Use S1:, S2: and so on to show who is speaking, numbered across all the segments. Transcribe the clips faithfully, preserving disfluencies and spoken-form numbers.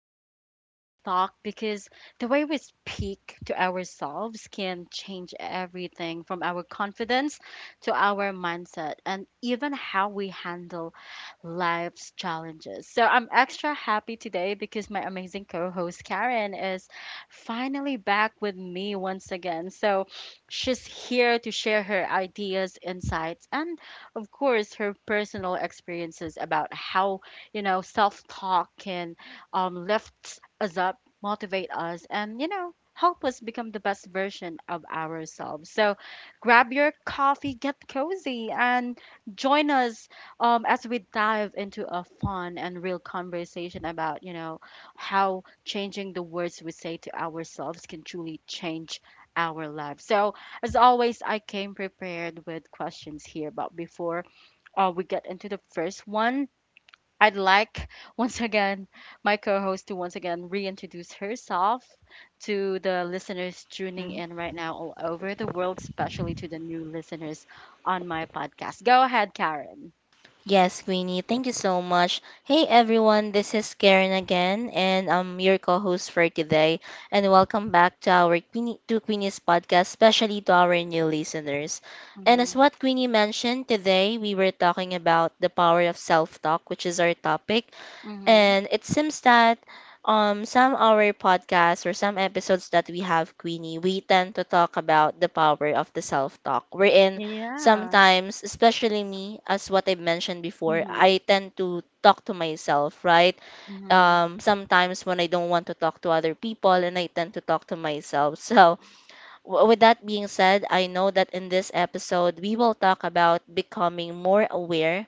S1: power of self talk, because the way we speak to ourselves can change everything from our confidence to our mindset and even how we handle life's challenges. So I'm extra happy today because my amazing co host Karen is finally back with me once again. So she's here to share her ideas, insights, and of course, her personal experiences about how, you know, self talk can um, lift us up, motivate us, and, you know, help us become the best version of ourselves. So grab your coffee, get cozy, and join us um, as we dive into a fun and real conversation about, you know, how changing the words we say to ourselves can truly change our lives. So, as always, I came prepared with questions here, but before uh, we get into the first one, I'd like once again my co host to once again reintroduce herself to the listeners tuning
S2: Mm.
S1: in right now all over the world, especially to the new listeners on my podcast. Go ahead, Karen.
S2: Yes, Queenie, thank you so much. Hey everyone, this is Karen again, and I'm your co-host for today. And welcome back to our Queenie to Queenie's podcast, especially to our new listeners. And as what Queenie mentioned today, we were talking about the power of self-talk, which is our topic.
S1: Mhm.
S2: And it seems that um some our podcasts or some episodes that we have Queenie, we tend to talk about the power of the self-talk. Wherein
S1: Yeah.
S2: sometimes, especially me, as what I mentioned before,
S1: Mhm.
S2: I tend to talk to myself, right?
S1: Mhm.
S2: Um sometimes when I don't want to talk to other people and I tend to talk to myself. So w- with that being said, I know that in this episode we will talk about becoming more aware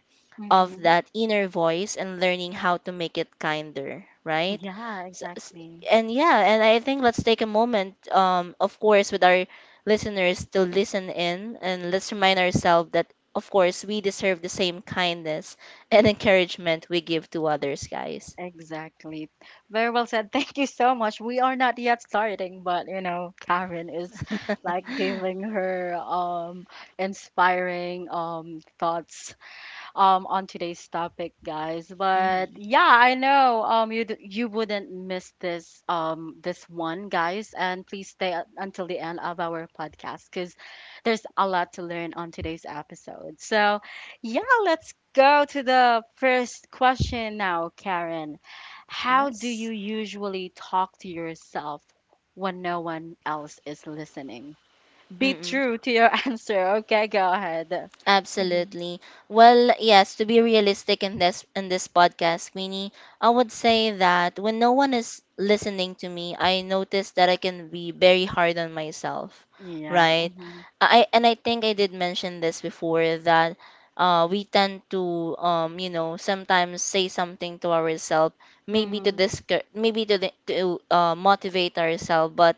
S2: of
S1: Mhm.
S2: that inner voice and learning how to make it kinder, right?
S1: Yeah,
S2: S- s-
S1: exactly.
S2: and yeah, and I think let's take a moment, um, of course, with our listeners to listen in and let's remind ourselves that, of course, we deserve the same kindness and encouragement we give to others, guys.
S1: Exactly. Very well said. Thank you so much. We are not yet starting, but you know, Karen is like giving her um inspiring um thoughts um on today's topic, guys. But
S2: Mhm.
S1: yeah, I know um you d- you wouldn't miss this um this one, guys. And please stay u- until the end of our podcast because there's a lot to learn on today's episode. So yeah, let's go to the first question now, Karen. How
S2: Yes.
S1: do you usually talk to yourself when no one else is listening? Be true to your answer. Okay, go ahead. Hmm.
S2: Absolutely. Well, yes, to be realistic in this in this podcast, Queenie, I would say that when no one is listening to me, I notice that I can be very hard on myself,
S1: Yeah.
S2: right?
S1: Mm-hmm.
S2: I and I think I did mention this before that uh, we tend to um, you know, sometimes say something to ourselves, maybe to
S1: Mhm.
S2: discour- maybe to the, to uh, motivate ourselves, but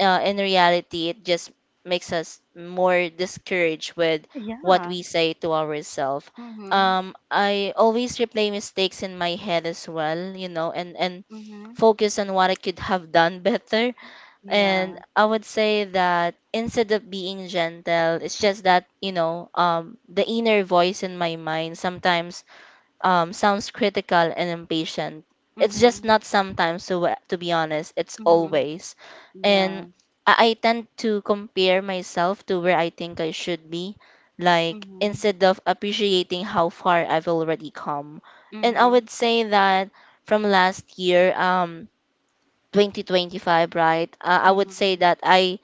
S2: uh, in reality, it just makes us more discouraged with what
S1: Yeah.
S2: we say to ourselves.
S1: Mhm.
S2: Um, I always replay mistakes in my head as well, you know, and, and
S1: Mhm.
S2: focus on what I could have done better. And
S1: Yeah.
S2: I would say that instead of being gentle, it's just that, you know, um, the inner voice in my mind sometimes um, sounds critical and impatient. It's just
S1: Mhm.
S2: not sometimes, so uh, to be honest, it's
S1: Mhm.
S2: always. And
S1: Yeah.
S2: I, I tend to compare myself to where I think I should be, like
S1: Mhm.
S2: instead of appreciating how far I've already come. And I
S1: Mhm.
S2: would say that from last year, um, twenty twenty-five, right? Uh, I would say
S1: Mhm.
S2: that I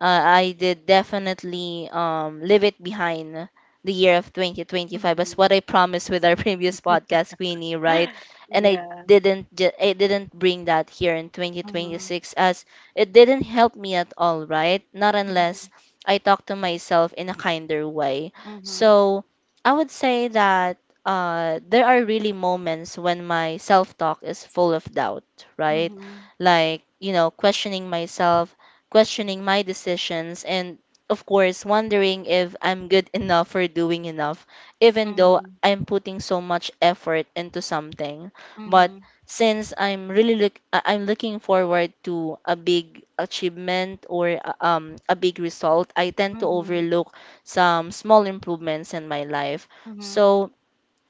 S2: uh, I did definitely um, leave it behind the year of twenty twenty-five as
S1: Mhm.
S2: what I promised with our previous podcast, Queenie, right? And I
S1: Yeah.
S2: didn't ju- I didn't bring that here in
S1: Mhm.
S2: twenty twenty-six as it didn't help me at all, right? Not unless
S1: Mhm.
S2: I talk to myself in a kinder way.
S1: Mhm.
S2: So I would say that uh, there are really moments when my self talk is full of doubt, right?
S1: Mhm.
S2: Like, you know, questioning myself, questioning my decisions, and of course, wondering if I'm good enough or doing enough, even though
S1: Mhm.
S2: I'm putting so much effort into something. But
S1: Mhm.
S2: since I'm really look, I- I'm looking forward to a big achievement or uh, um a big result, I tend to
S1: Mhm.
S2: overlook some small improvements in my life.
S1: Mhm.
S2: So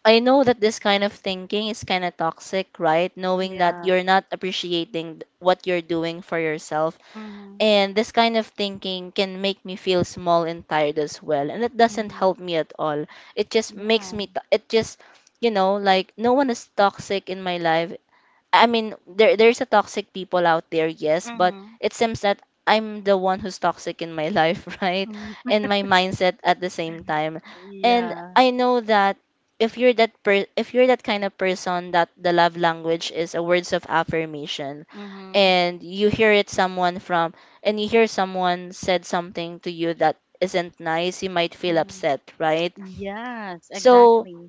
S2: I know that this kind of thinking is kind of toxic, right? Knowing that
S1: Yeah.
S2: you're not appreciating th- what you're doing for yourself,
S1: Mhm.
S2: and this kind of thinking can make me feel small and tired as well. And it doesn't
S1: Mhm.
S2: help me at all. It just
S1: Yeah.
S2: makes me, t- it just, you know, like no one is toxic in my life. I mean, there there's a toxic people out there, yes, but
S1: Mhm.
S2: it seems that I'm the one who's toxic in my life, right?
S1: Mhm.
S2: And my mindset at the same time. And
S1: Yeah.
S2: I know that if you're that per- if you're that kind of person that the love language is a words of affirmation
S1: Mhm.
S2: and you hear it someone from and you hear someone said something to you that isn't nice, you might feel
S1: Mhm.
S2: upset, right?
S1: Yes,
S2: So
S1: exactly.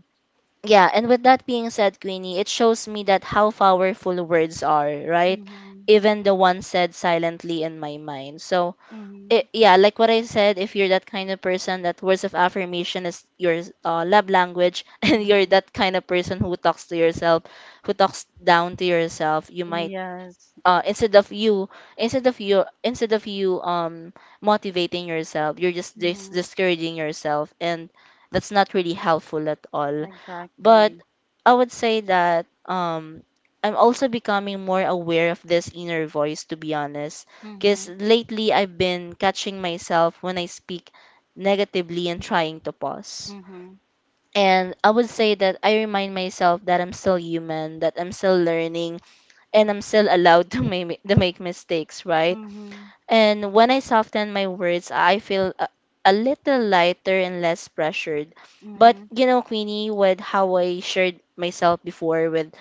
S2: yeah, and with that being said, Queenie, it shows me that how powerful words are, right?
S1: Mhm.
S2: Even the one said silently in my mind. So,
S1: Mhm.
S2: it, yeah, like what I said, if you're that kind of person that words of affirmation is your uh, love language, and you're
S1: Mhm.
S2: that kind of person who talks to yourself, who talks down to yourself, you might
S1: Yes.
S2: uh, instead of you, instead of you, instead of you um motivating yourself, you're just dis-
S1: Mhm.
S2: discouraging yourself, and that's not really helpful at all. But
S1: Exactly.
S2: I would say that um I'm also becoming more aware of this inner voice, to be honest, because
S1: Mhm.
S2: lately I've been catching myself when I speak negatively and trying to pause.
S1: Mhm.
S2: And I would say that I remind myself that I'm still human, that I'm still learning, and I'm still allowed to make to make mistakes, right?
S1: Mhm.
S2: And when I soften my words, I feel a, a little lighter and less pressured. But
S1: Mhm.
S2: you know, Queenie, with how I shared myself before with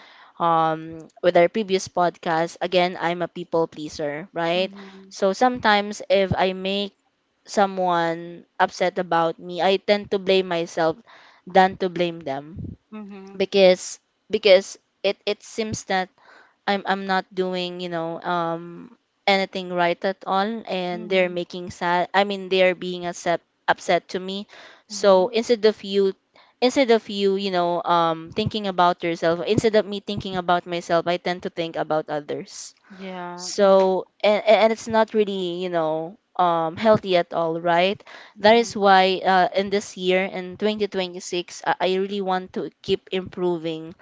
S2: um with our previous podcast, again, I'm a people pleaser, right?
S1: Mhm.
S2: So sometimes if I make someone upset about me, I tend to blame myself than to blame them
S1: Mhm.
S2: because because it it seems that I'm I'm not doing, you know, um anything right at all, and they're
S1: Mhm.
S2: making sad, I mean they're being upset upset to me. So
S1: Mhm.
S2: instead of you instead of you, you know, um thinking about yourself, instead of me thinking about myself, I tend to think about others.
S1: Yeah. Mhm.
S2: So and, and it's not really, you know, um healthy at all, right? That is
S1: Mhm.
S2: why uh, in this year in twenty twenty-six, I, I really want to keep improving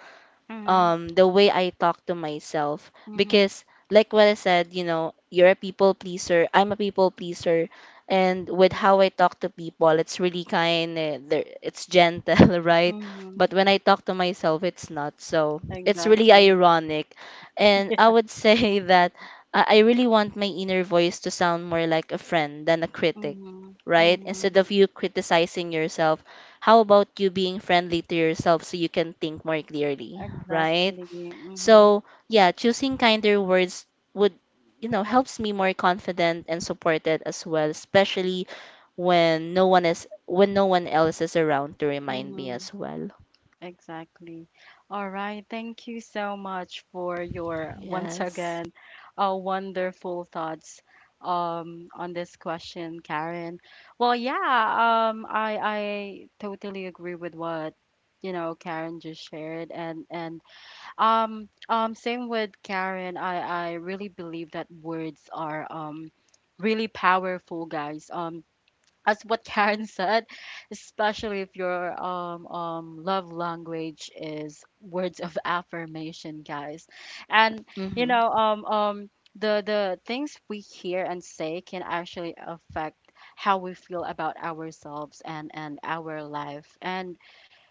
S1: Mhm.
S2: um the way I talk to myself,
S1: Mhm.
S2: because like what I said, you know, you're a people pleaser, I'm a people pleaser, and with how I talk to people, it's really kind of it's gentle, right?
S1: Mhm.
S2: But when I talk to myself, it's not. So, it's really
S1: Exactly.
S2: ironic. And
S1: Yeah.
S2: I would say that I I really want my inner voice to sound more like a friend than a critic,
S1: Mhm.
S2: right?
S1: Mhm.
S2: Instead of you criticizing yourself, how about you being friendly to yourself so you can think more clearly? Right?
S1: Exactly. Mhm.
S2: So, yeah, choosing kinder words would, you know, helps me more confident and supported as well, especially when no one is when no one else is around to remind me
S1: Mhm.
S2: as well.
S1: Exactly. All right. Thank you so much for your once
S2: Yes.
S1: again uh, wonderful thoughts um on this question, Karen. Well, yeah, um I I totally agree with what you know Karen just shared, and and um um same with Karen. I I really believe that words are um really powerful, guys. Um as what Karen said, especially if your um, um, love language is words of affirmation, guys. And you
S2: Mhm.
S1: know, um, um, the the things we hear and say can actually affect how we feel about ourselves and and our life. And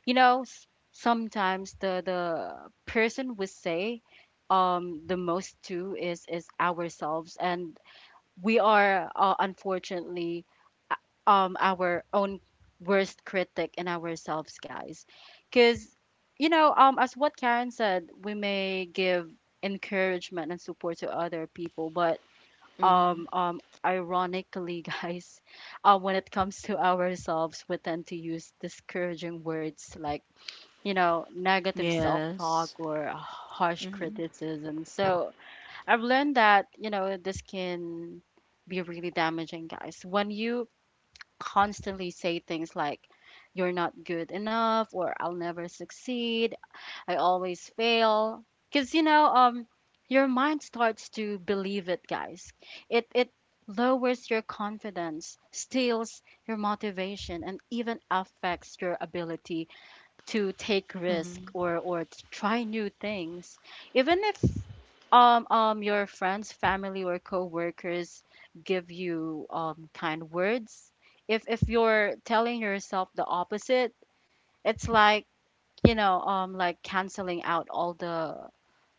S1: you know, s- sometimes the the person we say um the most to is is ourselves, and we are uh, unfortunately uh, um our own worst critic in ourselves, guys, because you know um as what Karen said, we may give encouragement and support to other people, but
S2: Mhm.
S1: um um ironically guys, uh, when it comes to ourselves, we tend to use discouraging words like, you know, negative
S2: Yes.
S1: self-talk or harsh
S2: Mhm.
S1: criticism. So I've learned that, you know, this can be really damaging, guys. When you constantly say things like, you're not good enough, or I'll never succeed, I always fail. Because, you know, um, your mind starts to believe it, guys. It, it lowers your confidence, steals your motivation, and even affects your ability to take risk,
S2: Mhm.
S1: or or to try new things, even if um um your friends, family or coworkers give you um kind words. if if you're telling yourself the opposite, it's like, you know, um like canceling out all the,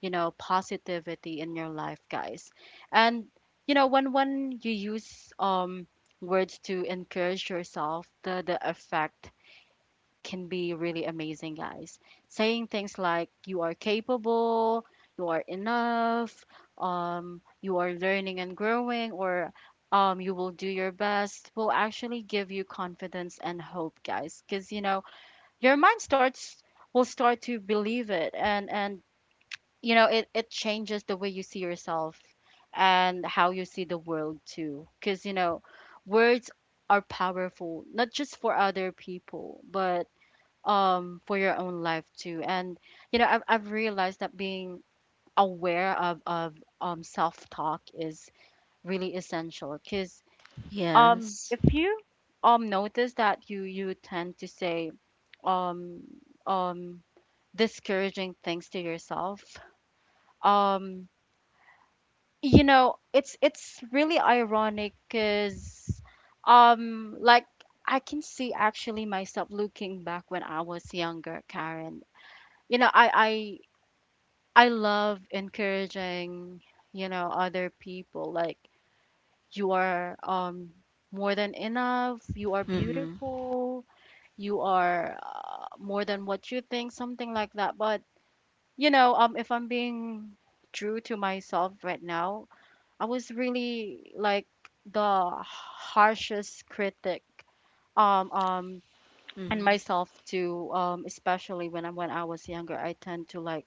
S1: you know, positivity in your life, guys. And you know, when when you use um words to encourage yourself, the the effect can be really amazing, guys. Saying things like you are capable, you are enough, um, you are learning and growing, or um, you will do your best, will actually give you confidence and hope, guys. Because, you know, your mind starts will start to believe it, and and you know it, it changes the way you see yourself and how you see the world too, because you know words are powerful not just for other people, but um for your own life too. And you know i've, I've realized that being aware of of um self-talk is really essential, because
S2: Yes.
S1: um if you um notice that you you tend to say um um discouraging things to yourself, um you know it's it's really ironic, because um like I can see actually myself looking back when I was younger, Karen. You know, I I love encouraging, you know, other people, like you are um more than enough, you are
S2: Mhm.
S1: beautiful, you are uh, more than what you think, something like that. But, you know, um if I'm being true to myself right now, I was really like the harshest critic um um and
S2: Mhm.
S1: myself too, um especially when I when I was younger, I tend to like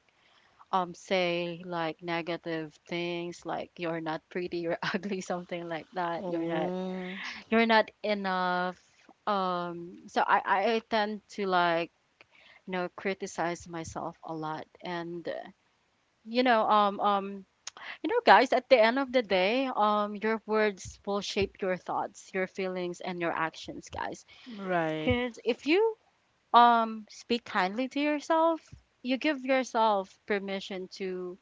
S1: um say like negative things like you're not pretty, you're ugly, something like that. You're not
S2: Oh,
S1: you're not enough. um so i i tend to like, you know, criticize myself a lot. And uh, you know, um um you know guys, at the end of the day, um your words will shape your thoughts, your feelings, and your actions, guys.
S2: right.
S1: Because if you um speak kindly to yourself, you give yourself permission to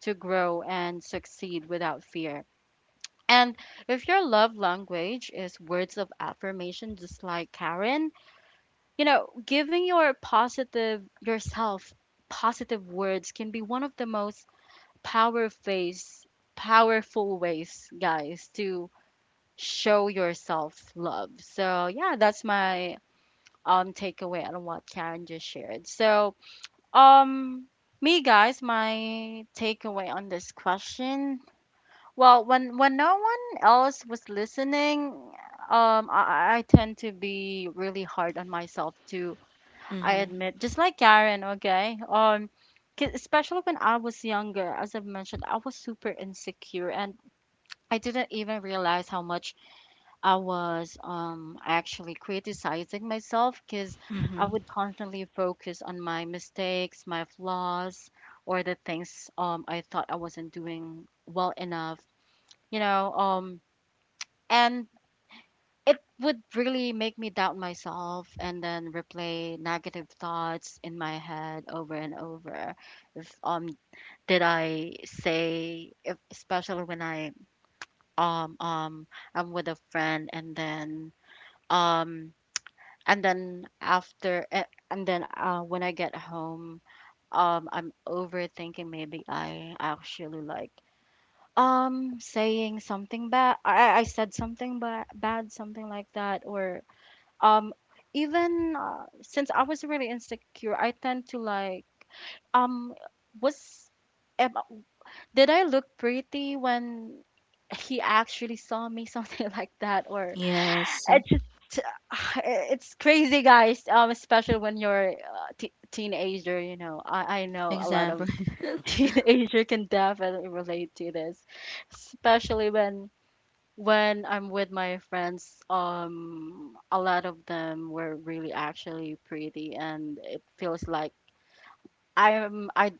S1: to grow and succeed without fear. And if your love language is words of affirmation, just like Karen, you know, giving your positive yourself positive words can be one of the most powerful powerful ways, guys, to show yourself love. So yeah, that's my um takeaway on what Karen just shared. So um, me guys, my takeaway on this question. Well, when when no one else was listening, um, I, I I tend to be really hard on myself too. I
S2: Mhm.
S1: admit, just like Karen, okay. Um, 'cause especially when I was younger, as I've mentioned, I was super insecure, and I didn't even realize how much I was um, actually criticizing myself, because I
S2: Mhm.
S1: would constantly focus on my mistakes, my flaws, or the things um, I thought I wasn't doing well enough, you know. Um, and it would really make me doubt myself, and then replay negative thoughts in my head over and over. If um, did I say, if, especially when I um um I'm with a friend, and then um and then after eh, and then uh, when I get home, um I'm overthinking, maybe I actually like um saying something bad I I said something bad bad, something like that. Or um even uh, since I was really insecure, I tend to like um was am, did I look pretty when he actually saw me, something like that. Or
S2: Yes.
S1: it's just it's crazy, guys. um especially when you're uh, t- teenager, you know. I, I know a lot of
S2: Exactly.
S1: teenager can definitely relate to this, especially when when I'm with my friends, um a lot of them were really actually pretty, and it feels like i'm i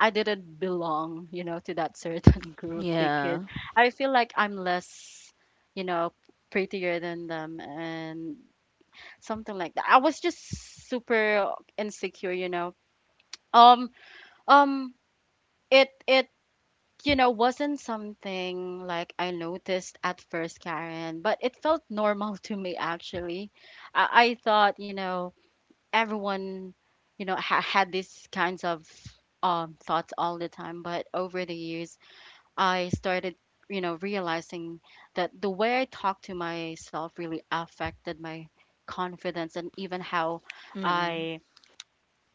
S1: I didn't belong, you know, to that certain group, because
S2: Yeah.
S1: I feel like I'm less, you know, prettier than them and something like that. I was just super insecure, you know. Um, um, it it you know wasn't something like I noticed at first, Karen, but it felt normal to me actually. I, I thought, you know, everyone, you know, ha- had these kinds of um thoughts all the time, but over the years I started, you know, realizing that the way I talked to myself really affected my confidence, and even how
S2: Mm-mm.
S1: I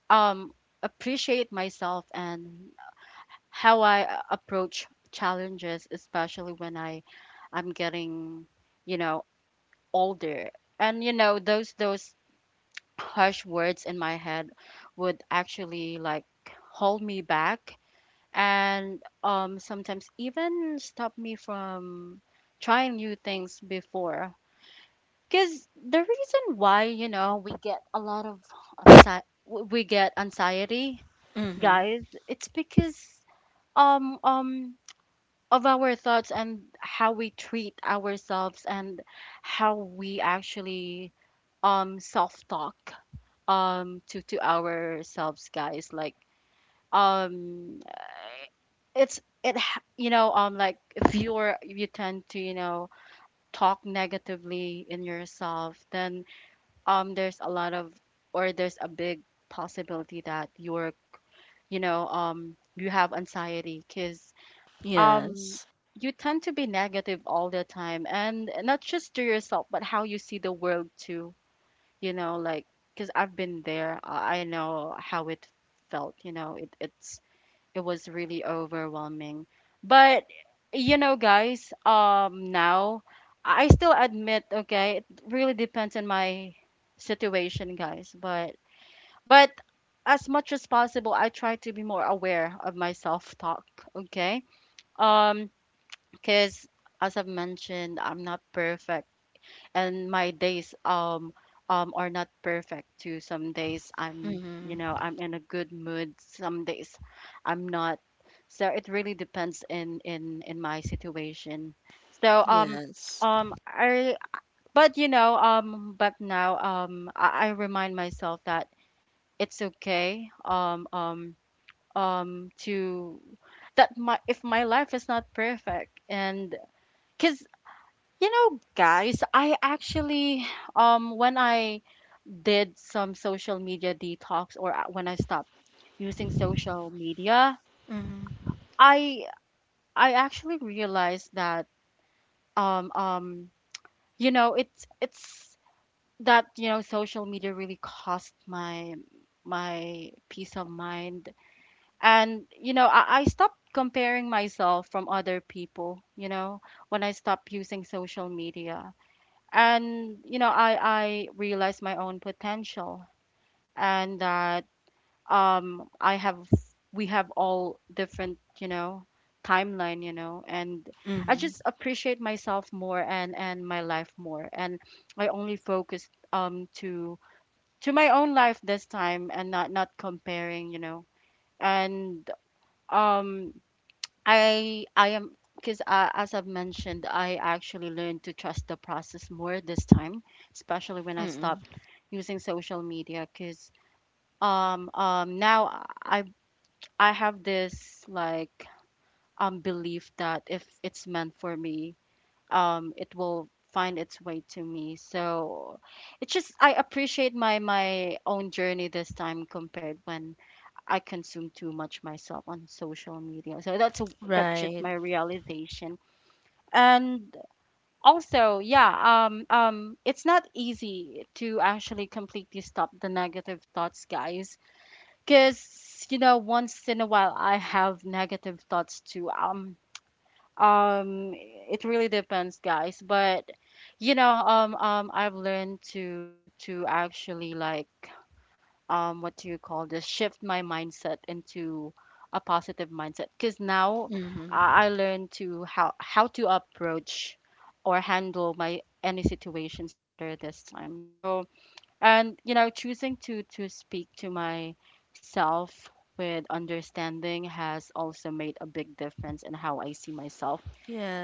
S1: um appreciate myself, and how I uh, approach challenges, especially when I I'm getting, you know, older. And you know, those those harsh words in my head would actually like hold me back, and um sometimes even stop me from trying new things before. Because the reason why, you know, we get a lot of anxi- we get anxiety,
S2: Mm-hmm.
S1: guys. It's because um um of our thoughts and how we treat ourselves, and how we actually um self talk um to to ourselves, guys. Like, um it's it ha- you know um like, if you're, you tend to, you know talk negatively in yourself, then um there's a lot of, or there's a big possibility that you're, you know um you have anxiety. Cuz um
S2: Yes.
S1: you tend to be negative all the time, and not just to yourself, but how you see the world too. You know, like, because I've been there. I I know how it felt. You know, it, it's it was really overwhelming. But you know, guys, um now i still admit, okay, it really depends on my situation, guys. But but as much as possible, i try to be more aware of my self talk. Okay. um because as I've mentioned, I'm not perfect, and my days um um are not perfect too. Some days I'm, you know,
S2: Mm-hmm.
S1: I'm in a good mood. Some days I'm not. So it really depends in in in my situation. So um
S2: Yes.
S1: um I but you know, um but now, um I, I remind myself that it's okay, um um um to, that my, if my life is not perfect. And because, you know, guys, I actually, um when I did some social media detox, or a- when I stopped using social media,
S2: Mm-hmm.
S1: I I actually realized that, um um you know, it's it's that, you know, social media really cost my, my peace of mind. And you know, I, I stopped comparing myself from other people, you know, when i stopped using social media. And you know, i i realized my own potential, and that um i have, we have all different, you know, timeline, you know. And i just
S2: Mm-hmm.
S1: appreciate myself more, and and my life more. And i only focused, um to to my own life this time, and not not comparing, you know. And um I I am because uh, as I've mentioned, I actually learned to trust the process more this time, especially when I
S2: Mm-hmm.
S1: stopped using social media. Because um um now I I have this, like, um belief that if it's meant for me, um it will find its way to me. So it's just, I appreciate my my own journey this time, compared when I consume too much myself on social media. So that's a, that's just
S2: Right.
S1: my realization. And also, yeah, um um it's not easy to actually completely stop the negative thoughts, guys. Because, you know, once in a while i have negative thoughts too, um um it really depends, guys. But you know, um um I've learned to, to actually, like, um what do you call this, shift my mindset into a positive mindset. Because now
S2: Mm-hmm.
S1: I I learn to how, how to approach or handle my any situations better this time. So, and you know, choosing to to speak to myself with understanding has also made a big difference in how I see myself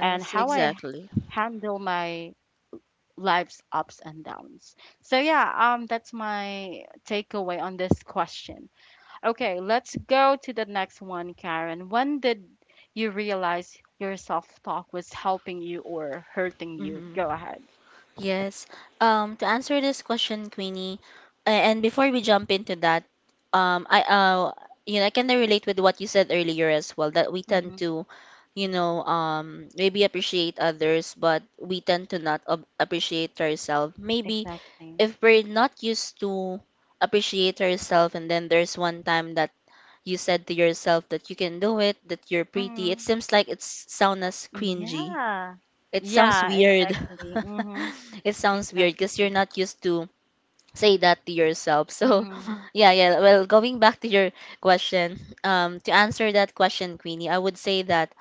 S1: and how I
S2: exactly.
S1: handle my life's ups and downs. So yeah, um that's my takeaway on this question. Okay, let's go to the next one, Karen. When did you realize your self-talk was helping you or hurting you?
S2: Mm-hmm.
S1: Go ahead.
S2: Yes. Um, to answer this question, Queenie, a- and before we jump into that, um, I uh, you know, I kind of relate with what you said earlier as well that we tend
S1: Mm-hmm.
S2: to, you know, um, maybe appreciate others, but we tend to not ob- appreciate ourselves. Maybe
S1: Exactly.
S2: if we're not used to appreciate ourselves, and then there's one time that you said to yourself that you can do it, that you're pretty.
S1: Mm-hmm.
S2: It seems like it's sound as cringy.
S1: Yeah.
S2: It sounds
S1: Yeah,
S2: weird.
S1: exactly. Mm-hmm.
S2: It sounds weird because you're
S1: Exactly.
S2: not used to say that to yourself. So,
S1: Mm-hmm.
S2: yeah, yeah. Well, going back to your question, um, to answer that question, Queenie, I would say that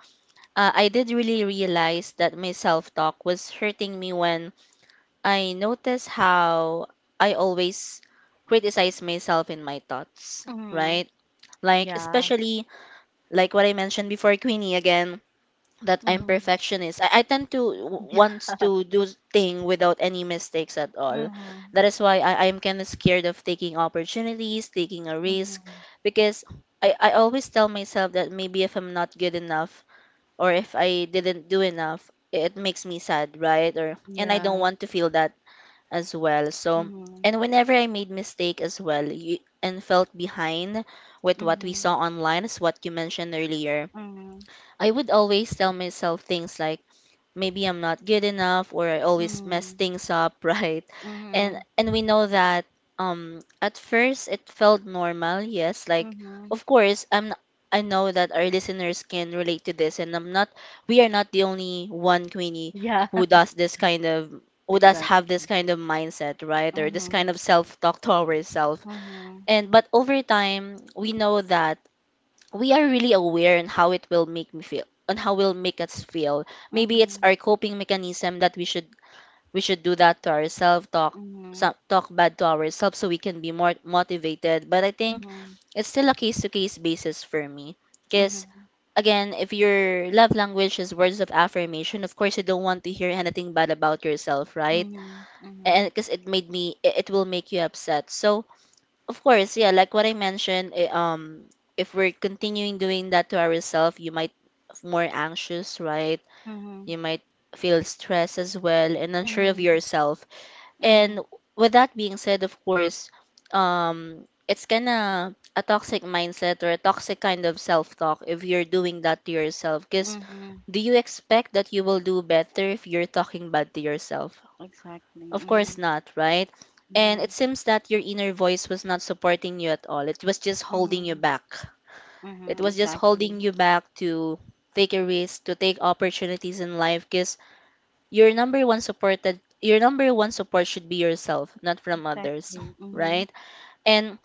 S2: uh, I did really realize that my self talk was hurting me when I noticed how I always criticize myself in my thoughts,
S1: Mm-hmm.
S2: right? Like,
S1: Yeah.
S2: especially like what I mentioned before, Queenie, again, that I'm
S1: Mm-hmm.
S2: perfectionist. I, I tend to w- wants to do thing without any mistakes at all.
S1: Mm-hmm.
S2: That is why I, I'm kind of scared of taking opportunities, taking a risk,
S1: Mm-hmm.
S2: because I, I always tell myself that maybe if I'm not good enough or if I didn't do enough, it makes me sad, right? Or and I don't
S1: Yeah.
S2: want to feel that as well. So
S1: Mm-hmm.
S2: and whenever I made mistake as well, you, and felt behind with what we
S1: Mm-hmm.
S2: saw online, is what you mentioned earlier,
S1: Mm-hmm.
S2: I would always tell myself things like maybe I'm not good enough or I always mess
S1: Mm-hmm.
S2: things up, right? And
S1: Mm-hmm.
S2: and we know that um at first it felt normal, yes, like
S1: Mm-hmm.
S2: of course I'm n- I know that our listeners can relate to this, and I'm not we are not the only one, Queenie,
S1: Yeah.
S2: who does this kind of who does have this
S1: Exactly.
S2: kind of mindset, right? Or this
S1: Mm-hmm.
S2: kind of self-talk to ourselves.
S1: Mm-hmm.
S2: And but over time, we know that we are really aware on how it will make me feel on how will make us feel maybe it's
S1: Mhm,
S2: our coping mechanism that we should we should do that to ourselves talk
S1: mhm,
S2: some, talk bad to ourselves so we can be more motivated but I think
S1: mhm,
S2: it's still a case to case basis for me because
S1: mhm,
S2: again if your love language is words of affirmation of course you don't want to hear anything bad about yourself right
S1: mhm, mhm,
S2: and because it made me it it will make you upset so of course, yeah, like what I mentioned, eh, um, if we're continuing doing that to ourselves, you might f- more anxious, right?
S1: mhm,
S2: You might feel stress as well and unsure of
S1: mhm,
S2: yourself.
S1: mhm,
S2: And with that being said, of course, um, it's kinda a toxic mindset or a toxic kind of self-talk if you're doing that to yourself. Because
S1: mhm,
S2: do you expect that you will do better if you're talking bad to yourself?
S1: exactly.
S2: Of course
S1: Mhm,
S2: not, right? And
S1: mhm,
S2: it seems that your inner voice was not supporting you at all. It was just holding you
S1: mhm,
S2: back.
S1: mhm,
S2: It was just
S1: exactly.
S2: holding you back to take a risk, to take opportunities in life because your number one support that your number one support should be yourself, not from others,
S1: Exactly. Mhm,
S2: right? And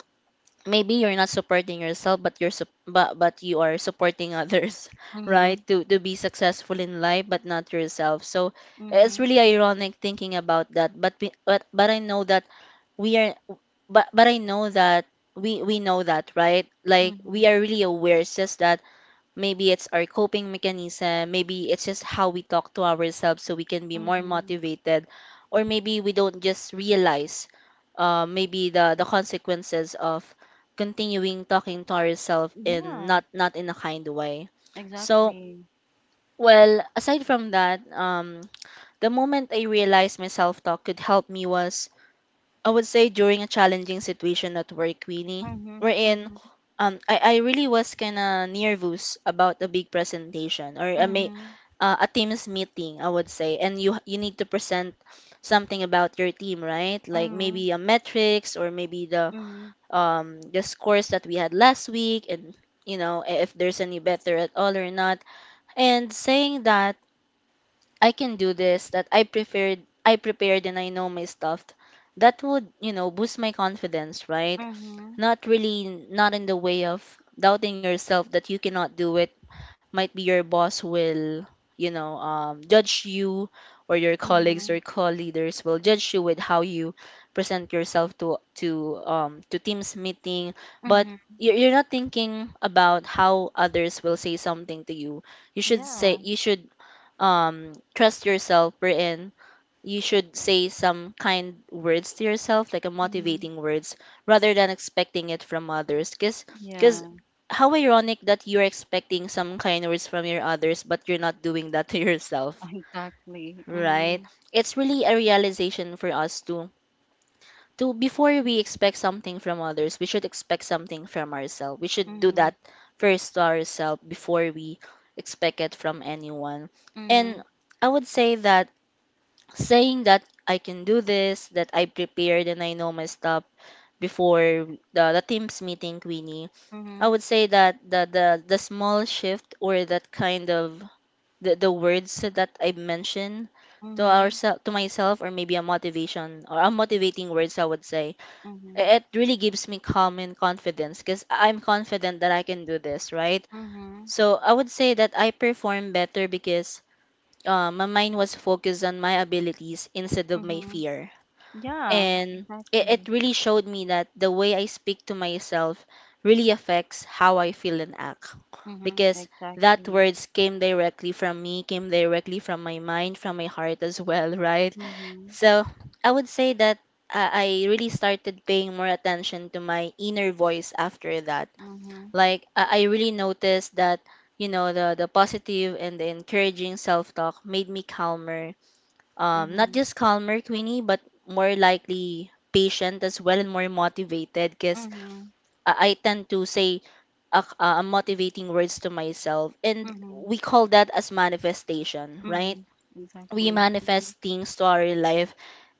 S2: maybe you're not supporting yourself but you're sup- but, but you are supporting others, right?
S1: mhm,
S2: To to be successful in life but not yourself. So it's
S1: mhm,
S2: really ironic thinking about that but we, but but I know that we are but but I know that we we know that, right? Like we
S1: mhm,
S2: are really aware, it's just that maybe it's our coping mechanism, maybe it's just how we talk to ourselves so we can be more
S1: mhm.
S2: motivated, or maybe we don't just realize uh, maybe the the consequences of continuing talking to ourselves in
S1: Yeah,
S2: not not in a kind way. So
S1: exactly.
S2: well aside from that, um the moment I realized my self talk could help me was, I would say, during a challenging situation at work, Queenie,
S1: Mhm,
S2: wherein
S1: mhm,
S2: um, I, I really was kind of nervous about a big presentation or a, ma-
S1: mhm,
S2: uh, a team's meeting, I would say. And you, you need to present something about your team, right? Like
S1: mhm,
S2: maybe a metrics or maybe the,
S1: mhm,
S2: um, the scores that we had last week and, you know, i- if there's any better at all or not. And saying that, I can do this, that I prepared I prepared and I know my stuff. That would, you know, boost my confidence, right?
S1: mhm,
S2: Not really in, not in the way of doubting yourself that you cannot do it. Might be your boss will, you know, um, judge you, or your colleagues
S1: mhm,
S2: or co-leaders will judge you with how you present yourself to to um to teams meeting, but
S1: mhm.
S2: you're, you're not thinking about how others will say something to you. You should say
S1: Yeah.
S2: you should um trust yourself, wherein you should say some kind words to yourself, like a
S1: Mhm.
S2: motivating words, rather than expecting it from others because because
S1: Yeah,
S2: how ironic that you're expecting some kind words from your others but you're not doing that to yourself,
S1: exactly.
S2: right?
S1: Mhm,
S2: It's really a realization for us to to before we expect something from others we should expect something from ourselves, we should do
S1: mhm,
S2: that first to ourselves before we expect it from anyone. And
S1: mhm.
S2: I would say that saying that I can do this, that I prepared and I know my stuff before the, the team's meeting, Queenie, I
S1: Mhm,
S2: would say that the, the, the small shift or that kind of the, the words that I mentioned to
S1: mhm,
S2: ourself to myself, or maybe a motivation or a motivating words, I would say i-
S1: mhm,
S2: it really gives me calm and confidence because I'm confident that I can do this, right?
S1: mhm,
S2: So I would say that I perform better because uh, my mind was focused on my abilities instead of my
S1: mhm.
S2: fear.
S1: Yeah,
S2: And it, it
S1: exactly.
S2: really showed me that the way I speak to myself really affects how I feel and act
S1: Mhm,
S2: because that
S1: exactly.
S2: words came directly from me, came directly from my mind, from my heart as well, right?
S1: Mhm,
S2: So I would say that uh, I really started paying more attention to my inner voice after that.
S1: mhm,
S2: Like I I really noticed that, you know, the the positive and the encouraging self-talk made me calmer. Um, not
S1: mhm,
S2: just calmer, Queenie, but more likely patient as well and more motivated because
S1: mhm,
S2: I tend to say uh, uh, motivating words to myself. And
S1: mhm,
S2: we call that as manifestation, right?
S1: mhm.
S2: We
S1: Exactly. Mhm,
S2: manifest things to our life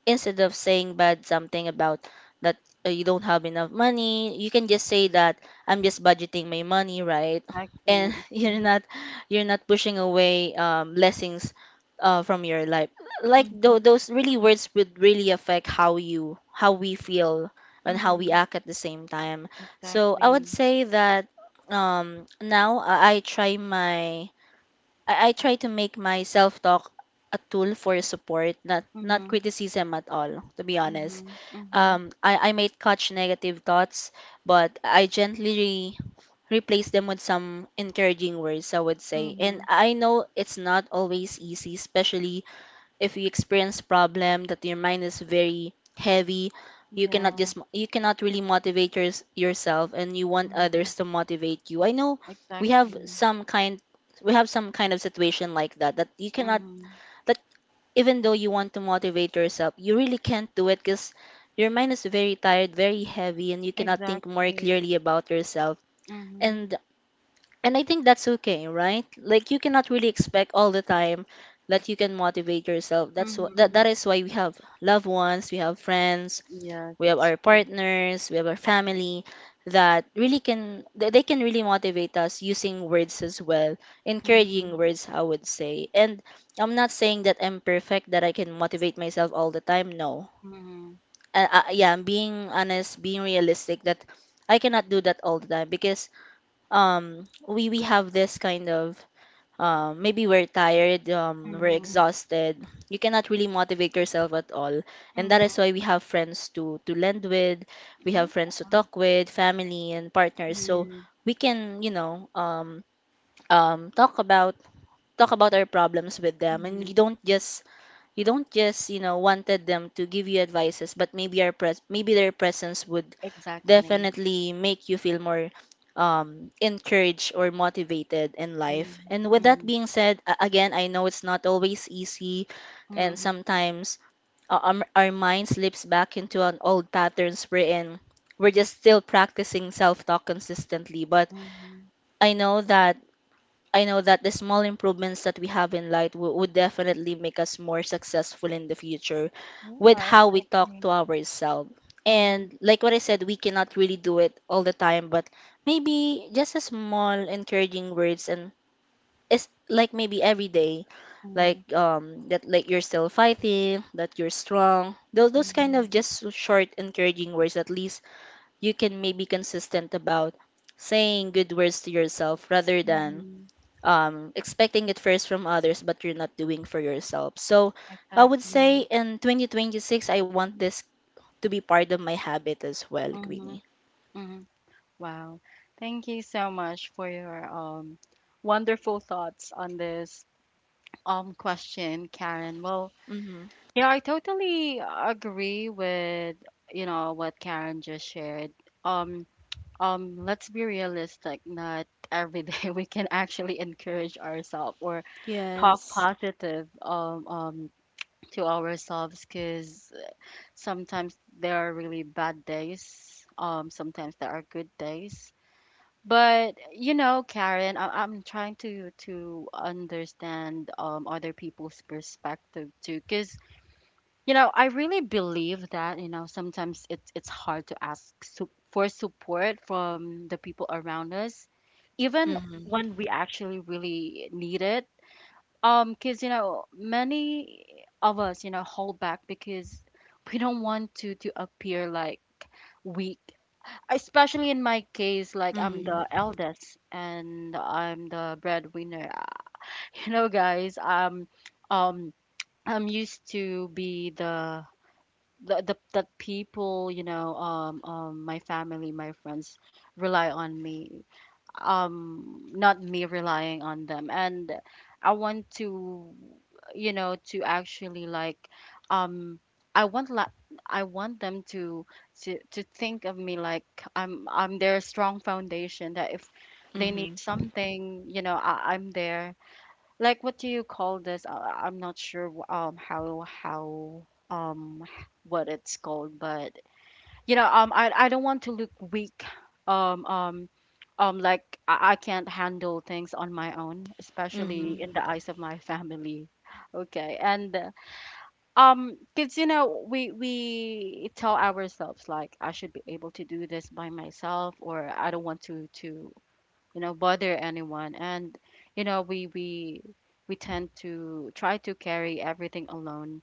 S2: instead of saying bad something about that uh, you don't have enough money, you can just say that I'm just budgeting my money, right? And
S1: exactly.
S2: you're not you're not pushing away um, blessings uh, from your life. Like th-
S1: Mhm,
S2: those really words would really affect how you how we feel and
S1: mhm,
S2: how we
S1: mhm.
S2: act at the same time. So I would
S1: Exactly.
S2: say that, um, now I I try my I, I try to make my self talk a tool for support, not not
S1: Mhm,
S2: criticism at all, to be honest.
S1: mhm, mhm,
S2: Um, I, I might catch negative thoughts, but I gently re- replace them with some encouraging words, I would say. And
S1: mhm.
S2: I know it's not always easy, especially if you experience problem that your mind is very heavy, you cannot
S1: Yeah.
S2: just mo- you cannot really motivate yours yourself, and you want
S1: Mhm.
S2: others to motivate you. I know we have
S1: Exactly.
S2: some kind we have some kind of situation like that that you cannot,
S1: Mhm.
S2: that even though you want to motivate yourself you really can't do it because your mind is very tired, very heavy, and you cannot think more
S1: Exactly.
S2: clearly about yourself.
S1: Mhm,
S2: and and I think that's okay, right? Like you cannot really expect all the time that you can motivate yourself. That's what that,
S1: mhm.
S2: that is why we have loved ones, we have friends,
S1: Yes,
S2: we have
S1: it's
S2: our
S1: true.
S2: partners, we have our family that really can that they can really motivate us using words as well, encouraging
S1: Mhm,
S2: words, I would say. And I'm not saying that I'm perfect, that I can motivate myself all the time. No.
S1: mhm.
S2: Uh, uh, yeah, I'm being honest, being realistic that I cannot do that all the time because um we we have this kind of uh, maybe we're tired, um, we're
S1: Mhm,
S2: exhausted. You cannot really motivate yourself at all, and that
S1: mhm.
S2: is why we have friends to to lend with, we
S1: Yeah.
S2: have friends to talk with, family and partners. So
S1: Mm,
S2: we can, you know, um, um, talk about talk about our problems with them, and you
S1: mhm.
S2: don't just you don't just, you know, wanted them to give you advices, but maybe our pres maybe their presence would
S1: Exactly.
S2: definitely make you feel more um, encouraged or motivated in life.
S1: Mhm,
S2: And with that
S1: mhm,
S2: being said, a- again, I know it's not always easy, and
S1: mhm,
S2: sometimes uh, um, our mind slips back into an old patterns we're in. We're just still practicing self talk consistently, but
S1: mhm.
S2: I know that I know that the small improvements that we have in light w- would definitely make us more successful in the future with
S1: Yeah,
S2: how we talk
S1: exactly.
S2: to ourselves.
S1: Mhm,
S2: And like what I said, we cannot really do it all the time, but maybe just a small encouraging words, and it's like maybe every day, like
S1: mhm,
S2: um that, like you're still fighting, that you're strong. Those those kind
S1: mhm,
S2: of just short encouraging words, at least you can maybe consistent about saying good words to yourself rather than
S1: mhm.
S2: um, expecting it first from others, but you're not doing for yourself. So I would
S1: Exactly.
S2: say in twenty twenty-six, I want this to be part of my habit as well, Queenie.
S1: Mhm, mhm. Wow. Thank you so much for your um wonderful thoughts on this um question, Karen. Well,
S2: Mm-hmm.
S1: yeah, I totally agree with, you know, what Karen just shared. Um um let's be realistic, not every day we can actually encourage ourselves, or talk
S2: Yes.
S1: positive, um, um to ourselves. Because sometimes there are really bad days, um sometimes there are good days. But you know, Karen, I- I'm trying to to understand um other people's perspective too, because, you know, I really believe that, you know, sometimes it's it's hard to ask su- for support from the people around us, even
S2: Mm-hmm.
S1: when we actually really need it. Um, because, you know, many of us, you know, hold back because we don't want to to appear like weak. Especially in my case, like,
S2: Mm-hmm.
S1: I'm the eldest and I'm the breadwinner. You know, guys, um, um, I'm used to be the, the, the, that people, you know, um, um my family, my friends rely on me, um not me relying on them. And i want to, you know, to actually, like, um i want la- i want them to, to to think of me like i'm I'm their strong foundation, that if they need
S2: Mm-hmm.
S1: something, you know, I, I'm there. Like, what do you call this? Uh, I'm not sure wh- um how, how um h- what it's called. But you know, um I I don't want to look weak, um um um like I, I can't handle things on my own,
S2: Mm-hmm.
S1: especially in the, Mm-hmm, eyes of my family. Okay. And uh, um, because, you know, we we tell ourselves, like, I should be able to do this by myself, or I don't want to to you know, bother anyone. And you know, we we we tend to try to carry everything alone,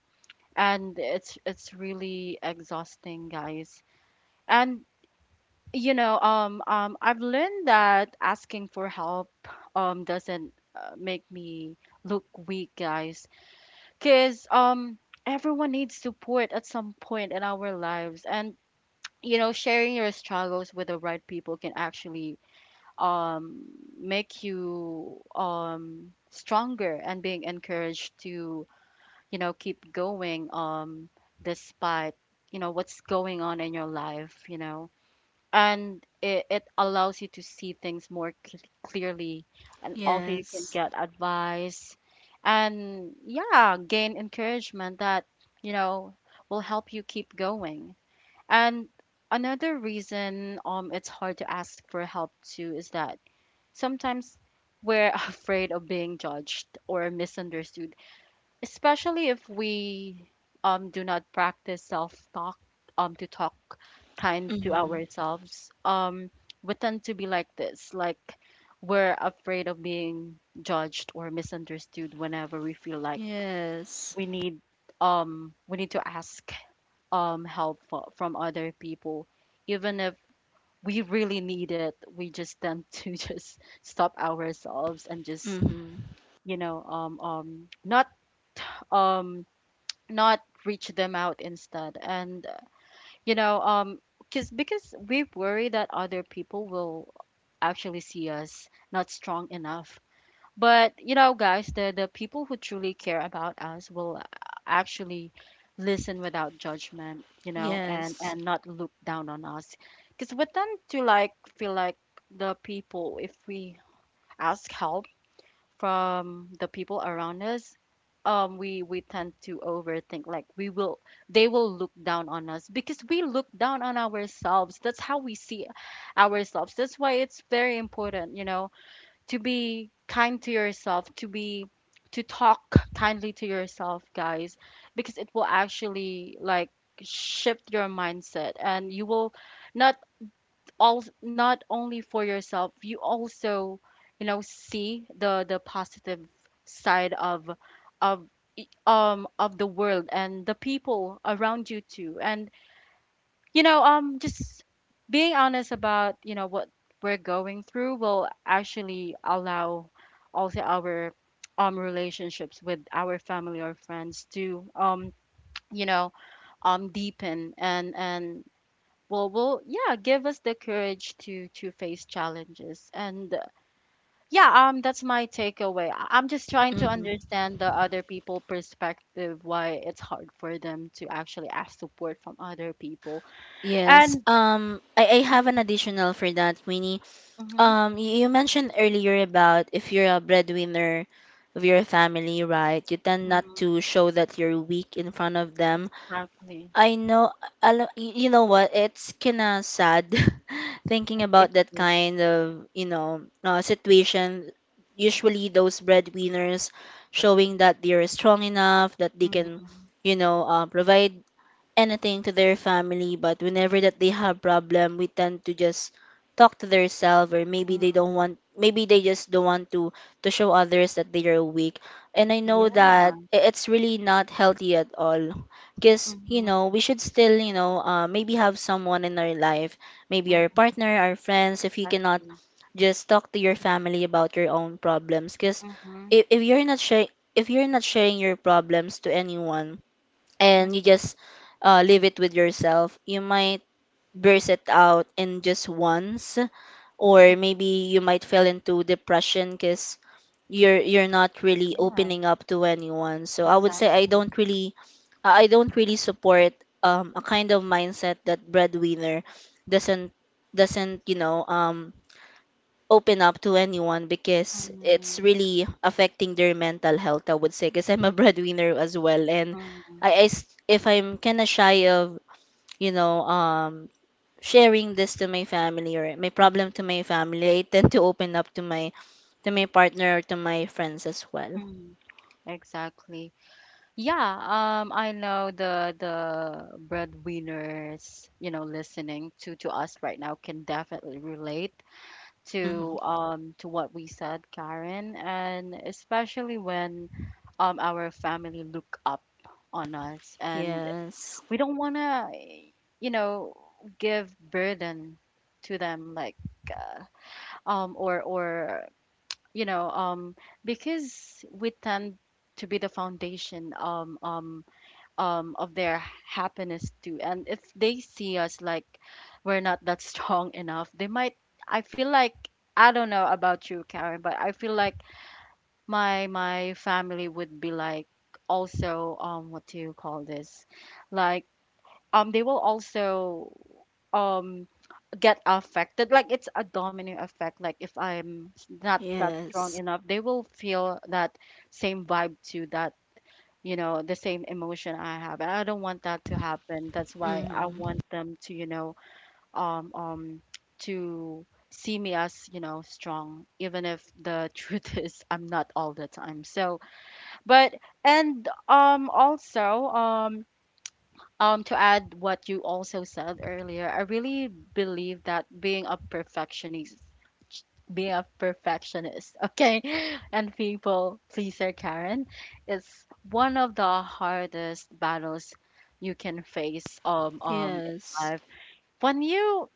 S1: and it's it's really exhausting, guys. And you know, um um I've learned that asking for help um doesn't, uh, make me look weak, guys. Cuz um everyone needs support at some point in our lives. And you know, sharing your struggles with the right people can actually, um, make you, um, stronger, and being encouraged to, you know, keep going, um, despite, you know, what's going on in your life, you know. And it, it allows you to see things more cl- clearly. And also you can
S2: Yes.
S1: get advice, and yeah, gain encouragement that, you know, will help you keep going. And another reason um it's hard to ask for help too, is that sometimes we're afraid of being judged or misunderstood, especially if we um, do not practice self-talk, um, to talk kind to
S2: Mm-hmm.
S1: ourselves. Um, we tend to be like this, like, we're afraid of being judged or misunderstood whenever we feel like
S2: Yes.
S1: we need, um, we need to ask um, help fo- from other people, even if we really need it. We just tend to just stop ourselves, and just,
S2: Mm-hmm.
S1: you know, um um not, um not reach them out instead. And uh, you know, um because, because we worry that other people will actually see us not strong enough. But you know, guys, the the people who truly care about us will actually listen without judgment, you know, and
S2: Yes.
S1: and not look down on us. Because we tend to, like, feel like the people, if we ask help from the people around us, um, we we tend to overthink. Like, we will, they will look down on us because we look down on ourselves. That's how we see ourselves. That's why it's very important, you know, to be kind to yourself, to be, to talk kindly to yourself, guys, because it will actually, like, shift your mindset, and you will not, all not only for yourself, you also, you know, see the the positive side of of e- um of the world and the people around you too. And you know, um, just being honest about, you know, what we're going through will actually allow also our um relationships with our family or friends to, um, you know, um deepen, and and will will yeah, give us the courage to, to face challenges. And uh, yeah, um that's my takeaway. I- I'm just trying to
S2: Mm-hmm.
S1: understand the other people perspective, why it's hard for them to actually ask support from other people.
S2: Yes.
S1: And
S2: Um, I, I have an additional for that, Queenie.
S1: Mhm.
S2: Um, y- you mentioned earlier about if you're a breadwinner of your family, right? You tend not
S1: Mm.
S2: to show that you're weak in front of them.
S1: Exactly.
S2: I know, I, you know what? It's kind of sad thinking
S1: It
S2: about that
S1: is.
S2: kind of, you know, uh, situation. Usually, those breadwinners showing that they're strong enough, that they can,
S1: Mhm.
S2: you know, uh, provide anything to their family, but whenever that they have problem we tend to just talk to themselves, or maybe they don't
S1: Mhm.
S2: want maybe they just don't want to to show others that they are weak. And I know that
S1: Yeah,
S2: i- it's really not healthy at all because you
S1: Mhm.
S2: know we should still, you know, uh, maybe have someone in our life, maybe our
S1: Mhm,
S2: partner, our friends, if you cannot
S1: exactly.
S2: just talk to your family about your own problems because
S1: Mhm.
S2: if, if you're not sharing if you're not sharing your problems to anyone
S1: Mhm.
S2: and you just uh, leave it with yourself, you might burst it out in just once, or maybe you might fall into depression because you're you're not really
S1: Yeah,
S2: opening up to anyone. So I would say I
S1: exactly.
S2: don't really I don't really support um, a kind of mindset that breadwinner doesn't doesn't you know, um open up to anyone because it's
S1: Mhm.
S2: really affecting their mental health, I would say, because I'm a breadwinner as well. And
S1: Mhm.
S2: I, I s- if I'm kind of shy of, you know, um, sharing this to my family or my
S1: Mhm.
S2: problem to my family, I tend to open up to my to my partner or to my friends as well.
S1: Mhm. Exactly. Yeah, um, I know the the breadwinners, you know, listening to, to us right now can definitely relate to,
S2: Mm-hmm.
S1: um to what we said, Karen. And especially when um our family look up on us, and
S2: Yes.
S1: we don't want to, you know, give burden to them, like, uh, um or, or you know, um because we tend to be the foundation um um um of their happiness too. And if they see us like we're not that strong enough, they might, i feel like, I don't know about you, Karen, but I feel like my my family would be like also, um what do you call this, like, um they will also um get affected, like it's a domino effect. Like, if i'm s- not that strong
S2: Yes.
S1: enough, they will feel that same vibe too, that, you know, the same emotion I have. And I don't want that to happen. That's why I
S2: Mm-hmm.
S1: want them to, you know, um, um, to see me as, you know, strong, even if the truth is I'm not all the time. So, but, and, um, also, um, um to add what you also said earlier, I really believe that being a perfectionist being a perfectionist okay, and people pleaser, Karen, is one of the hardest battles you can face um um in
S2: Yes.
S1: life. When you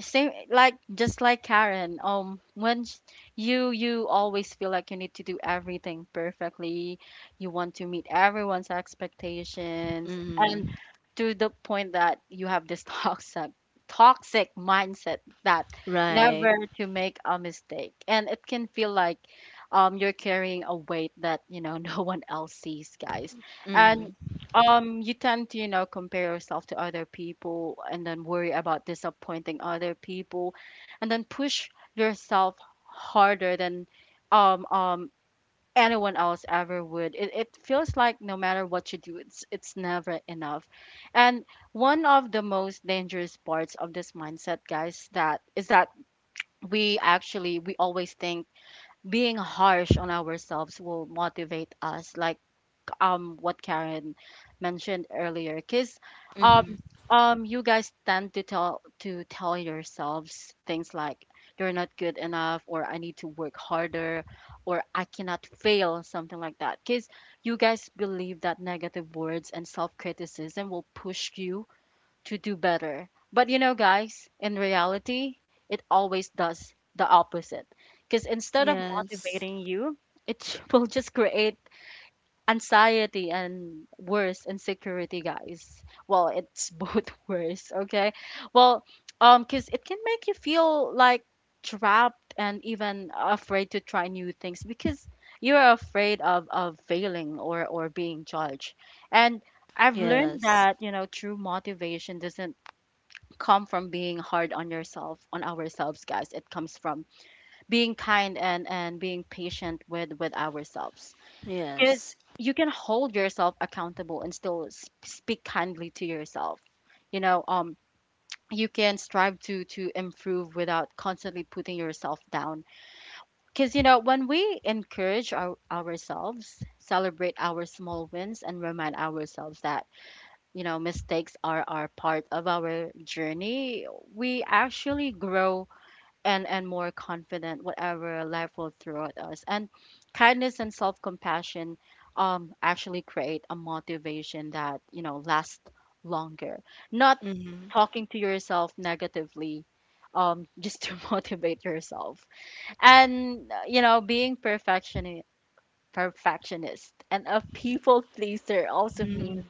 S1: same, like just like Karen, um when sh- you you always feel like you need to do everything perfectly, you want to meet everyone's expectations, and
S2: Mm-hmm.
S1: to the point that you have this toxic toxic mindset that
S2: Right.
S1: never to make a mistake. And it can feel like um you're carrying a weight that, you know, no one else sees, guys. And
S2: Mm-hmm.
S1: um, you tend to, you know, compare yourself to other people, and then worry about disappointing other people, and then push yourself harder than um um anyone else ever would. It it feels like no matter what you do, it's it's never enough. And one of the most dangerous parts of this mindset, guys, that is that we actually we always think being harsh on ourselves will motivate us. Like um what Karen mentioned earlier, because um
S2: Mm-hmm.
S1: um you guys tend to tell to tell yourselves things like, you're not good enough, or I need to work harder, or I cannot fail, something like that. Because you guys believe that negative words and self-criticism will push you to do better. But you know, guys, in reality, it always does the opposite. Because instead of
S2: Yes.
S1: motivating you, it will just create anxiety and worse insecurity, guys. Well, it's both worse, okay. Well, um because it can make you feel like trapped and even afraid to try new things, because you're afraid of of failing, or or being judged. And I've learned
S2: Yes.
S1: that, you know, true motivation doesn't come from being hard on yourself, on ourselves, guys. It comes from being kind, and and being patient with with ourselves. Because
S2: Yes.
S1: you can hold yourself accountable and still s- speak kindly to yourself, you know. Um you can strive to to improve without constantly putting yourself down. Because you know, when we encourage our, ourselves celebrate our small wins, and remind ourselves that, you know, mistakes are are part of our journey, we actually grow and and more confident, whatever life will throw at us. And kindness and self-compassion um actually create a motivation that, you know, lasts longer, not
S2: Mm-hmm.
S1: talking to yourself negatively um just to motivate yourself. And uh, you know, being perfectionist perfectionist and a people pleaser also
S2: Mm-hmm.
S1: means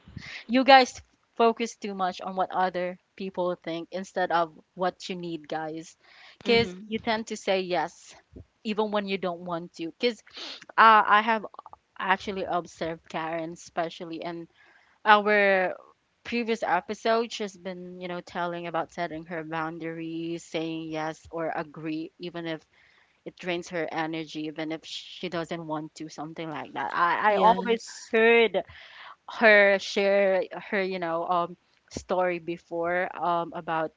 S1: you guys focus too much on what other people think instead of what you need, guys. Because
S2: Mm-hmm.
S1: you tend to say yes even when you don't want to. Because uh, I have actually observed Karen, especially in our previous episode. She's been, you know, telling about setting her boundaries, saying yes or agree, even if it drains her energy, even if she doesn't want to, something like that. I, I always
S2: Yes.
S1: heard her share her, you know, um story before, um about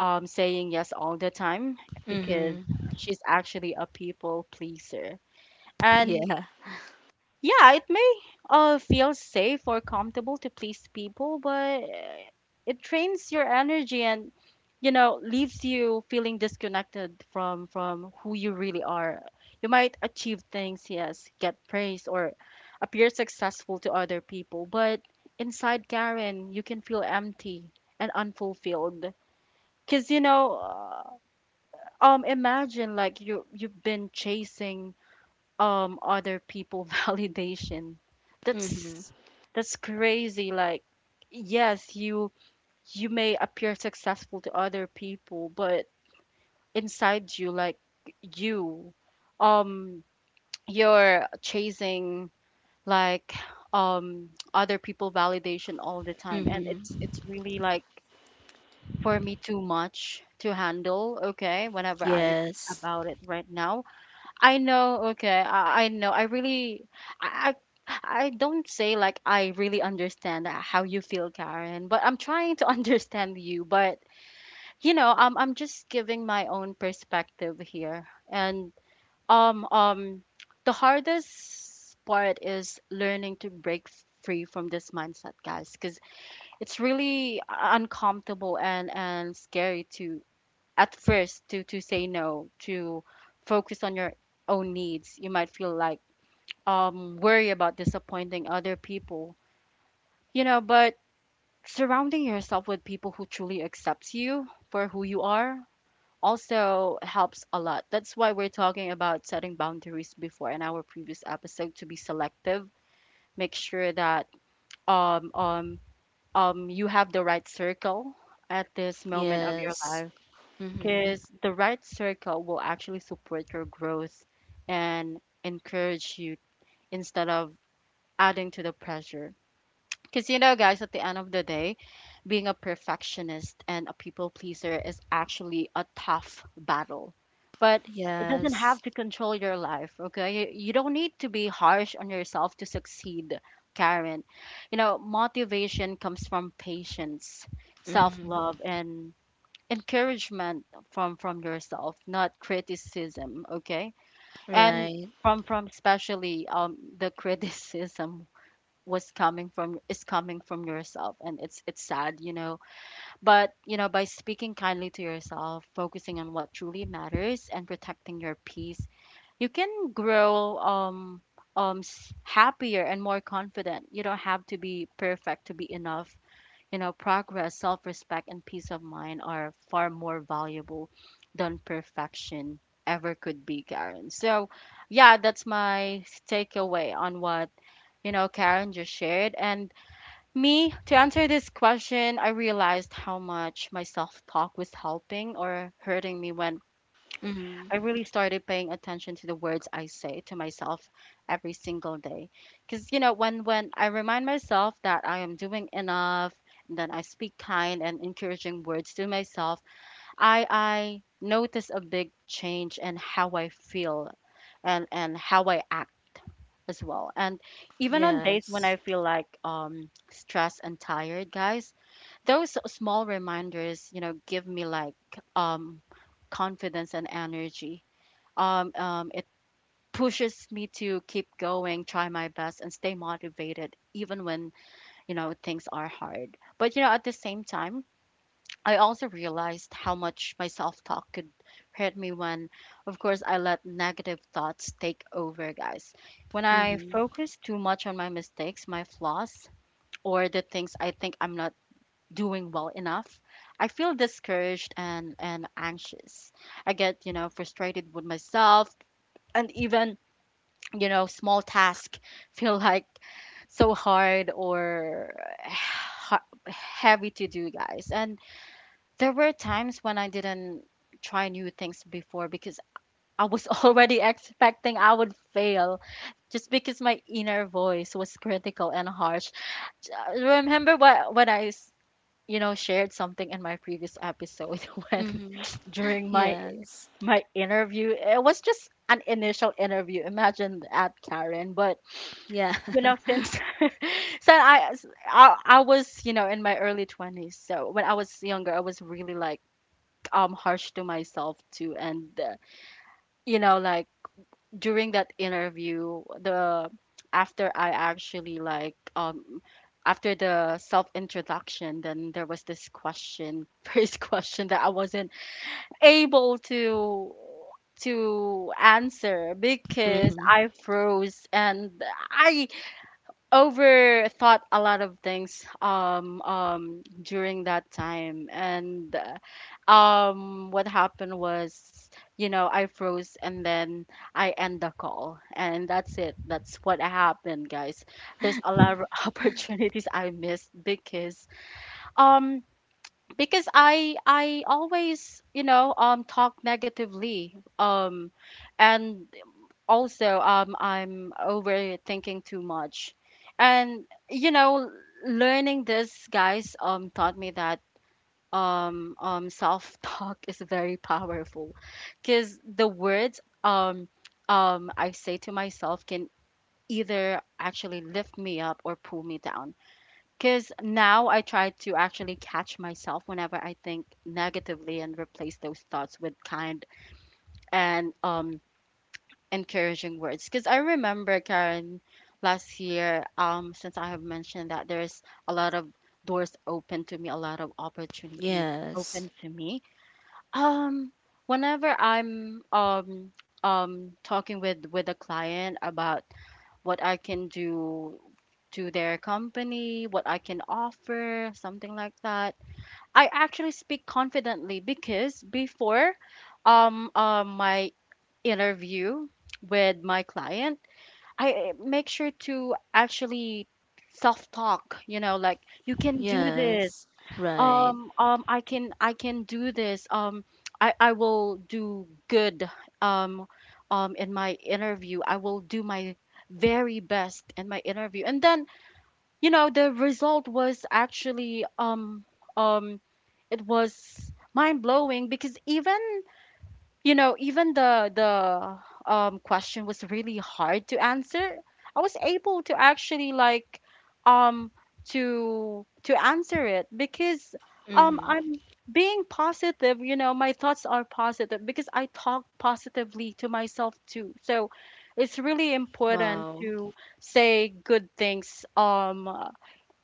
S1: um saying yes all the time, because
S2: Mm-hmm.
S1: she's actually a people pleaser. And
S2: Yeah.
S1: yeah, it may uh, feel safe or comfortable to please people, but uh, it drains your energy, and you know, leaves you feeling disconnected from from who you really are. You might achieve things, yes, get praised or appear successful to other people, but inside, Karen, you can feel empty and unfulfilled. Cause you know, uh, um, imagine like you you've been chasing um other people validation.
S2: Mm-hmm.
S1: that's that's crazy. Like, yes, you you may appear successful to other people, but inside you, like, you um you're chasing, like, um other people validation all the time, and it's
S2: Mm-hmm.
S1: it's really, like, for me, too much to handle, okay, whenever I think
S2: Yes.
S1: about it right now. I know, okay. I, I know. I really, I, I I don't say like I really understand how you feel, Karen, but I'm trying to understand you. But you know, um I'm just giving my own perspective here. And um um the hardest part is learning to break free from this mindset, guys, cuz it's really uh, uncomfortable and and scary to, at first, to to say no, to focus on your own needs. You might feel like um worry about disappointing other people, you know. But surrounding yourself with people who truly accepts you for who you are also helps a lot. That's why we're talking about setting boundaries before in our previous episode, to be selective, make sure that um um um you have the right circle at this moment of your
S2: Yes.
S1: life.
S2: Mm-hmm.
S1: Because the right circle will actually support your growth and encourage you, instead of adding to the pressure. Because you know, guys, at the end of the day, being a perfectionist and a people pleaser is actually a tough battle. But it doesn't
S2: Yes.
S1: have to control your life, okay? You, you don't need to be harsh on yourself to succeed, Karen. You know, motivation comes from patience, self
S2: Mm-hmm.
S1: love, and encouragement from from yourself, not criticism, okay. And
S2: Right.
S1: from, from especially um the criticism was coming from is coming from yourself, and it's it's sad, you know. But you know, by speaking kindly to yourself, focusing on what truly matters, and protecting your peace, you can grow, um um s- happier and more confident. You don't have to be perfect to be enough. You know, progress, self respect, and peace of mind are far more valuable than perfection ever could be, Karen. So yeah, that's my takeaway on what, you know, Karen just shared. And me, to answer this question, I realized how much my self talk was helping or hurting me when
S2: Mm-hmm.
S1: I really started paying attention to the words I say to myself every single day. Because, you know, when, when I remind myself that I am doing enough, and then I speak kind and encouraging words to myself, I, I notice a big change in how I feel, and, and how I act as well. And even on days when
S2: Yes.
S1: I feel like um, stressed and tired, guys, those small reminders, you know, give me like um, confidence and energy. Um, um, it pushes me to keep going, try my best, and stay motivated even when, you know, things are hard. But you know, at the same time, I also realized how much my self-talk could hurt me when, of course, I let negative thoughts take over, guys. When I
S2: Mm-hmm.
S1: focus too much on my mistakes, my flaws, or the things I think I'm not doing well enough, I feel discouraged and and anxious. I get, you know, frustrated with myself, and even, you know, small task feel like so hard or ha- heavy to do, guys. And there were times when I didn't try new things before, because I was already expecting I would fail, just because my inner voice was critical and harsh. Uh, remember what when I s- you know, shared something in my previous episode when
S2: Mm-hmm.
S1: during my
S2: Yes.
S1: my interview. It was just an initial interview, imagine that, Karen. But
S2: Yeah.
S1: you know, since, so I I I was, you know, in my early twenties. So when I was younger, I was really like um harsh to myself too. And uh, you know, like, during that interview, the after I actually like, um after the self introduction, then there was this question, first question that I wasn't able to to answer because
S2: Mm-hmm.
S1: I froze. And I overthought a lot of things um um during that time. And uh, um what happened was, you know, I froze, and then I end the call, and that's it, that's what happened, guys. There's a lot of opportunities I missed because um because I I always, you know, um talk negatively, um and also um I'm overthinking too much. And you know, learning this, guys, um taught me that um um self-talk is very powerful, because the words, um um I say to myself can either actually lift me up or pull me down. Because now I try to actually catch myself whenever I think negatively, and replace those thoughts with kind and um encouraging words. Because I remember, Karen, last year, um since I have mentioned that there's a lot of doors open to me, a lot of opportunities
S2: Yes.
S1: open to me, um whenever i'm um um talking with with a client about what I can do to their company, what I can offer, something like that, I actually speak confidently. Because before, um uh, my interview with my client, I eh, make sure to actually self talk, you know, like, you can do
S2: Yes.
S1: this.
S2: Right.
S1: Um um I can, I can do this. Um I I will do good um um in my interview. I will do my very best in my interview. And then, you know, the result was actually, um um it was mind blowing, because even, you know, even the the um, question was really hard to answer. I was able to actually, like, um to to answer it because um
S2: Mm-hmm.
S1: I'm being positive, you know. My thoughts are positive because I talk positively to myself too. So it's really important
S2: Wow.
S1: to say good things um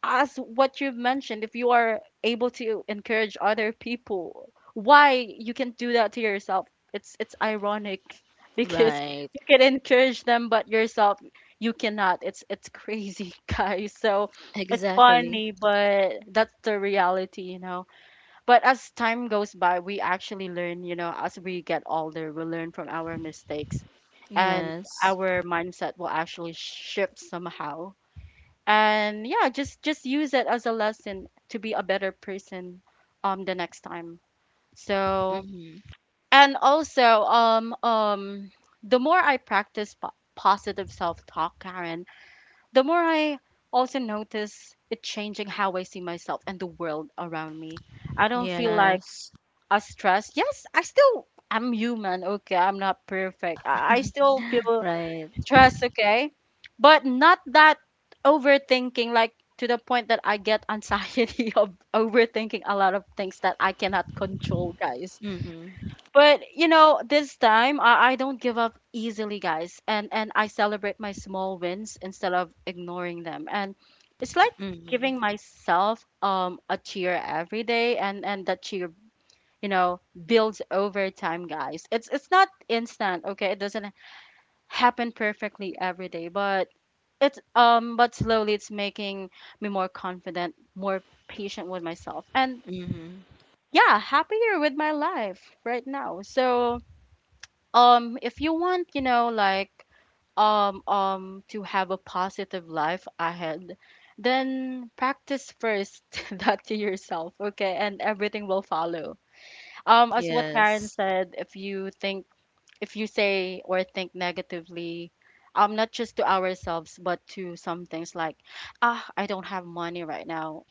S1: as what you've mentioned, if you are able to encourage other people, why you can do that to yourself? It's it's ironic because
S2: Right.
S1: you can encourage them, but yourself you cannot. It's it's crazy, guys. So it's
S2: Exactly.
S1: funny, but that's the reality, you know. But as time goes by, we actually learn, you know, as we get older, we learn from our mistakes, and
S2: Yes.
S1: our mindset will actually shift somehow and yeah just just use it as a lesson to be a better person um the next time. So
S2: Mm-hmm.
S1: and also um um the more I practice po- positive self-talk, Karen, the more I also notice it changing how I see myself and the world around me. I don't feel like
S2: Yes.
S1: a stress. Yes, i still I'm human, okay? I'm not perfect. I, I still feel
S2: Right.
S1: Trust, okay? But not that overthinking, like to the point that I get anxiety of overthinking a lot of things that I cannot control, guys.
S2: Mm-hmm.
S1: But you know, this time I, I don't give up easily, guys, and and I celebrate my small wins instead of ignoring them. And it's like giving
S2: Mm-hmm.
S1: myself um a cheer every day, and and that cheer you know builds over time, guys. It's it's not instant, okay? It doesn't happen perfectly every day, but it's um but slowly it's making me more confident, more patient with myself, and
S2: Mm-hmm.
S1: yeah, happier with my life right now. So um if you want, you know like um um to have a positive life ahead, then practice first that to yourself, okay? And everything will follow. Um as what Karen
S2: Yes.
S1: said, if you think, if you say or think negatively, um, not just to ourselves, but to some things like, ah, I don't have money right now.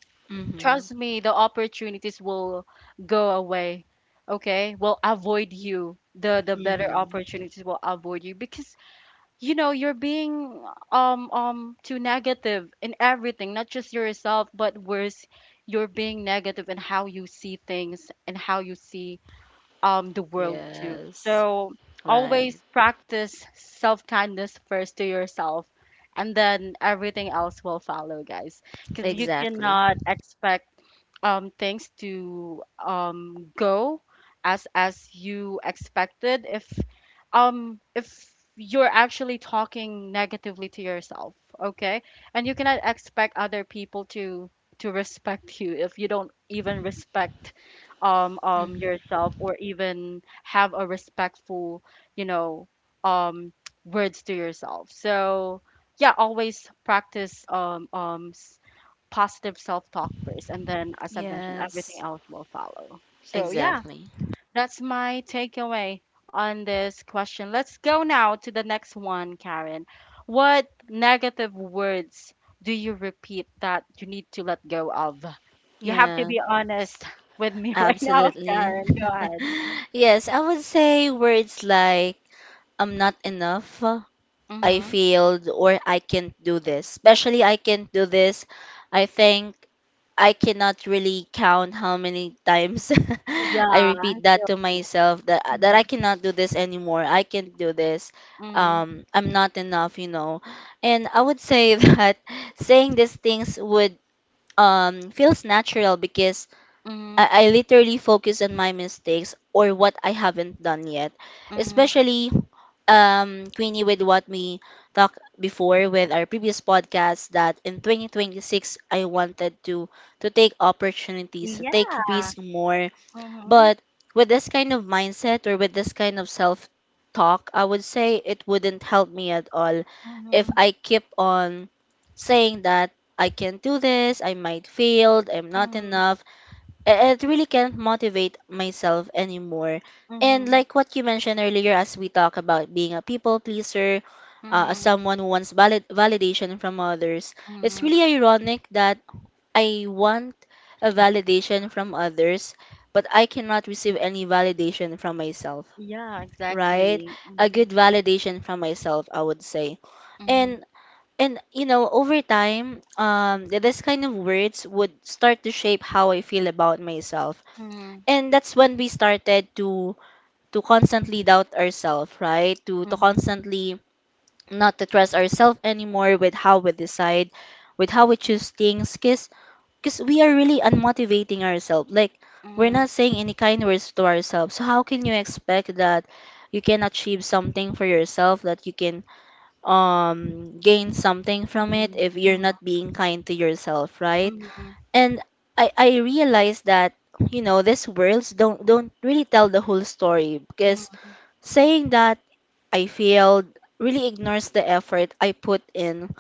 S1: Trust
S2: Mm-hmm.
S1: me, the opportunities will go away. Okay, will avoid you. The the better
S2: Mm-hmm.
S1: opportunities will avoid you because you know you're being um um too negative in everything, not just yourself, but worse, you're being negative in how you see things and how you see, um, the world too.
S2: Yes.
S1: So
S2: Right.
S1: always practice self kindness first to yourself, and then everything else will follow, guys. Because you
S2: Exactly.
S1: cannot expect, um, things to um, go as as you expected if um if you're actually talking negatively to yourself, okay? And you cannot expect other people to to respect you if you don't even respect um um
S2: Mm-hmm.
S1: yourself, or even have a respectful you know um words to yourself. So yeah, always practice um um positive self-talk first, and then as I've mentioned, everything
S2: Yes.
S1: else will follow. So yeah,
S2: Exactly.
S1: that's my takeaway on this question. Let's go now to the next one, Karen. What negative words do you repeat that you need to let go of? You have to
S2: Yeah.
S1: be honest with me right now,
S2: Absolutely.
S1: Karen. Go ahead.
S2: Yes, I would say words like I'm not enough, I
S1: Mm-hmm.
S2: failed, or I can't do this. Especially I can't do this. I think I cannot really count how many times I
S1: Yeah, I
S2: repeat that
S1: feel
S2: to
S1: you.
S2: myself that uh, that
S1: Mm-hmm.
S2: I cannot do this anymore. I can't do this.
S1: Mm-hmm.
S2: Um, I'm not enough, you know. And I would say that saying these things would um feels natural because
S1: Mm-hmm.
S2: I, I literally focus on my mistakes or what I haven't done yet.
S1: Mm-hmm.
S2: Especially um Queenie, with what we talked before with our previous podcast, that in twenty twenty-six I wanted to to take opportunities, to take
S1: Yeah.
S2: risks more.
S1: Mm-hmm.
S2: But with this kind of mindset, or with this kind of self talk, I would say it wouldn't help me at all if
S1: Mm-hmm.
S2: I keep on saying that I can't do this, I might fail, I'm not
S1: Mm-hmm.
S2: enough. I- it really can't motivate myself anymore. And like what you mentioned earlier, as we talk about being a people pleaser, uh, as
S1: Mm-hmm.
S2: someone who wants valid- validation from others, it's
S1: Mhm.
S2: really ironic that I want a validation from others, but I cannot receive any validation from myself,
S1: Yeah,
S2: right?
S1: exactly.
S2: A
S1: Mhm.
S2: good validation from myself, I would say.
S1: Mhm.
S2: And and you know, over time, um, th- this kind of words would start to shape how I feel about myself,
S1: Mhm.
S2: and that's when we started to to constantly doubt ourselves, right? To to
S1: Mhm.
S2: constantly not to trust ourselves anymore with how we decide, with how we choose things, because because we are really unmotivating ourselves. Like, we're not saying any kind words to ourselves, so how can you expect that you can achieve something for yourself, that you can um gain something from it
S1: Mhm.
S2: if you're not
S1: Mhm.
S2: being kind to yourself, right?
S1: Mhm.
S2: And I I realized that you know, these words don't don't really tell the whole story, because
S1: Mhm.
S2: saying that I failed really ignores the effort I put in,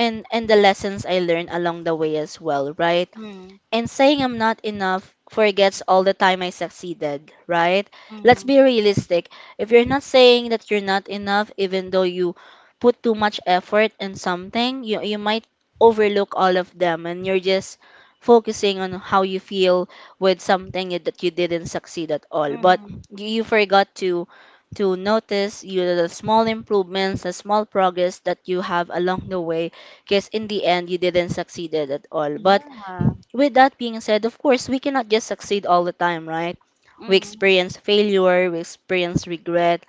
S2: and and the lessons I learned along the way as well, right?
S1: Mhm. Mhm.
S2: And saying I'm not enough forgets all the time I succeeded, right? Let's
S1: Mhm.
S2: be realistic. If you're not saying that you're not enough, even though you put too much effort in something, you, you might overlook all of them, and you're just focusing on how you feel with something that you didn't succeed at all. But
S1: Mhm.
S2: you you forgot to to notice, you know, the small improvements, the small progress that you have along the way, because in the end you didn't succeeded at all. But
S1: Yeah.
S2: with that being said, of course, we cannot just succeed all the time, right? We
S1: Mhm.
S2: experience failure, we experience regret.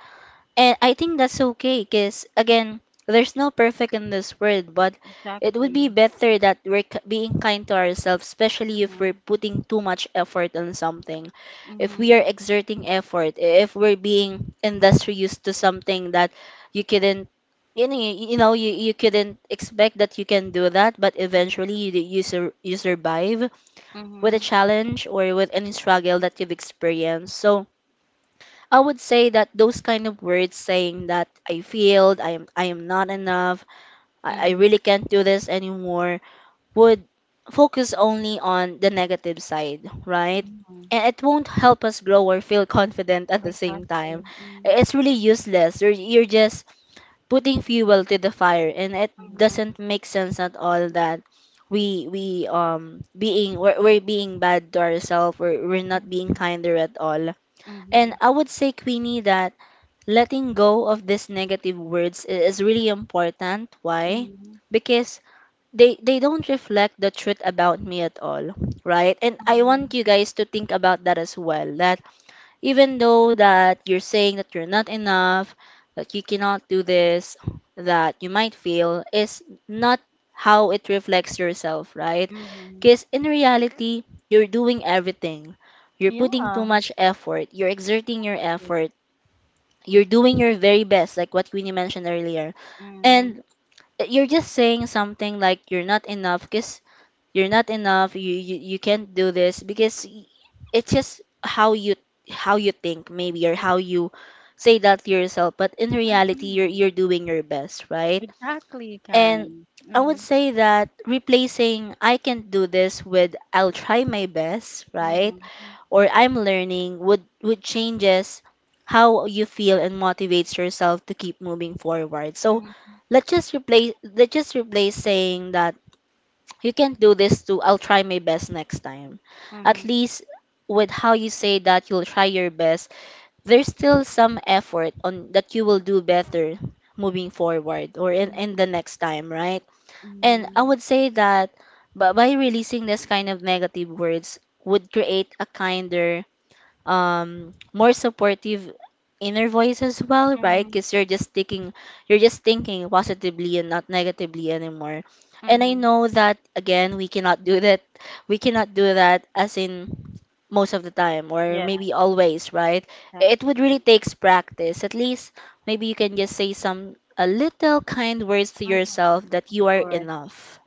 S2: And I think that's okay because, again, there's no perfect in this world, but it would be
S1: Exactly.
S2: better that we're k- being kind to ourselves, especially if we're
S1: Mhm.
S2: putting too much effort on something. If we are
S1: Mhm.
S2: exerting effort, if we're being industrious to something that you couldn't, you know, you, you know you, you couldn't expect that you can do that, but eventually
S1: Mhm.
S2: you, you, sur- you survive with a
S1: Mhm.
S2: challenge or with any struggle that you've experienced. So I would say that those kind of words, saying that I failed, I am I am not enough, I, I
S1: Mhm.
S2: really can't do this anymore, would focus only on the negative side, right?
S1: Mhm.
S2: And it won't help us grow or feel confident at the same time.
S1: Exactly. Mhm.
S2: It's really useless. You're, you're just putting fuel to the fire, and it
S1: Mhm.
S2: doesn't make sense at all that we we um being we're, we're being bad to ourselves. We're, we're not being
S1: Mhm.
S2: kinder at all. And
S1: Mhm.
S2: I would say, Queenie, that letting go of these negative words i- is really important. Why?
S1: Mhm.
S2: Because they they don't reflect the truth about me at all, right? And I want
S1: Mhm.
S2: you guys to think about that as well, that even though that you're saying that you're not enough, that you cannot do this, that you might fail, is not how it reflects yourself, right?
S1: Mhm.
S2: Because in reality, you're doing everything. You're putting too
S1: Yeah.
S2: much effort. You're exerting your effort. You're doing your very best, like what Queenie mentioned earlier.
S1: Mhm.
S2: And eh, you're just saying something like you're not enough because you're not enough you, you you can't do this, because y- it's just how you, how you think maybe, or how you say that to yourself, but in reality you're
S1: Mhm.
S2: you're doing your best, right?
S1: Exactly,
S2: And
S1: Karen.
S2: I would
S1: Mhm.
S2: say that replacing I can not do this with I'll try my best, right,
S1: Mhm.
S2: or I'm learning, would would changes how you feel and motivates yourself to keep moving forward. So
S1: Mhm,
S2: let's just replace, let's just replace saying that you can not do this too. I'll try my best next time. At
S1: mhm,
S2: least with how you say that you'll try your best, there's still some effort on that you will do better moving forward, or in, in the
S1: mhm,
S2: next time, right? And I
S1: mhm,
S2: would say that, but by releasing this kind of negative words would create a kinder, um more supportive inner voice as well, right?
S1: mhm,
S2: Because you're just thinking, you're just thinking positively and not negatively anymore. And I
S1: mhm.
S2: know that, again, we cannot do that, we cannot do that as in most of the time, or
S1: Yeah,
S2: maybe always, right? It would
S1: exactly.
S2: really takes practice. At least maybe you can just say some a little kind words to
S1: Mhm.
S2: yourself, that
S1: Of
S2: you are
S1: course.
S2: enough,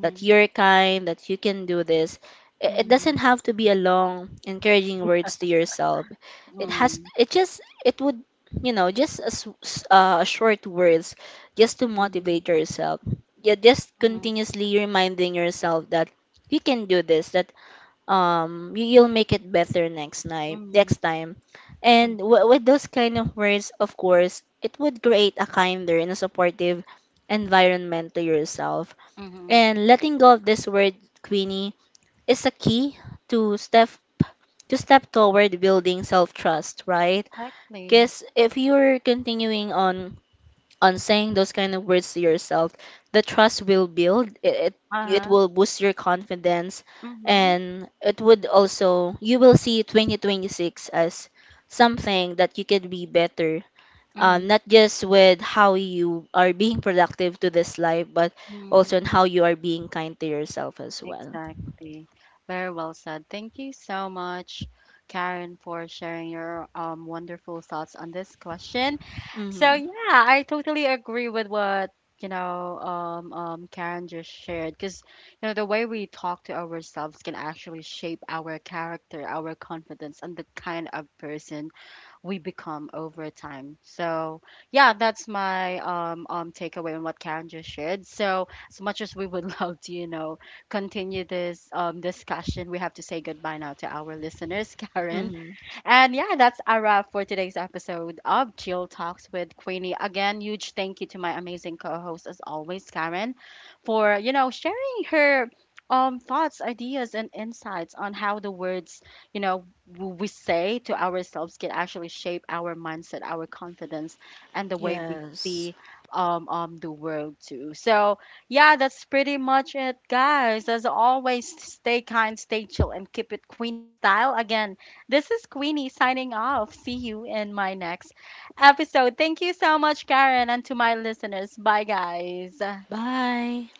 S2: that you're kind, that you can do this. It, it doesn't
S1: mhm,
S2: have to be a long, encouraging words to yourself. It has,
S1: mhm,
S2: it just, it would, you know, just as uh, a short words, just to
S1: mhm,
S2: motivate yourself. Yeah, just
S1: mhm,
S2: continuously reminding yourself that you can do this. That um, you, you'll make it better next night, next
S1: mhm,
S2: time. And
S1: mhm,
S2: w- with those kind of words, of course, it would create a kinder and a supportive environment to yourself.
S1: mhm.
S2: And letting go of this word, Queenie, is a key to step, to step toward building self trust, right?
S1: Exactly.
S2: Because if you're continuing on on saying those kind of words to yourself, the trust will build. It, it it
S1: Uh-huh.
S2: will boost your confidence,
S1: Mm-hmm.
S2: and it would also you will see twenty twenty-six as something that you could be better, uh,
S1: Mm-hmm.
S2: not just with how you are being productive to this life, but
S1: Mm-hmm.
S2: also in how you are being kind to yourself as well.
S1: Exactly. Very well said. Thank you so much, Karen, for sharing your, um, wonderful thoughts on this question. So
S2: Mm-hmm.
S1: yeah, I totally agree with what you know um, um, Karen just shared, because you know the way we talk to ourselves can actually shape our character, our confidence, and the kind of person we become over time. So yeah, that's my um, um takeaway on what Karen just shared. So as much as we would love to, you know, continue this um discussion, we have to say goodbye now to our listeners, Karen.
S2: Hmm.
S1: And yeah, that's a wrap for today's episode of Jill Talks with Queenie. Again, huge thank you to my amazing co-host as always, Karen, for you know sharing her um thoughts, ideas, and insights on how the words you know w- we say to ourselves can actually shape our mindset, our confidence, and the way we
S2: Yes.
S1: see um um the world too. So yeah, that's pretty much it, guys. As always, stay kind, stay chill, and keep it Queenie style. Again. This is Queenie signing off. See you in my next episode. Thank you so much, Karen, and to my listeners. Bye, guys.
S2: Bye.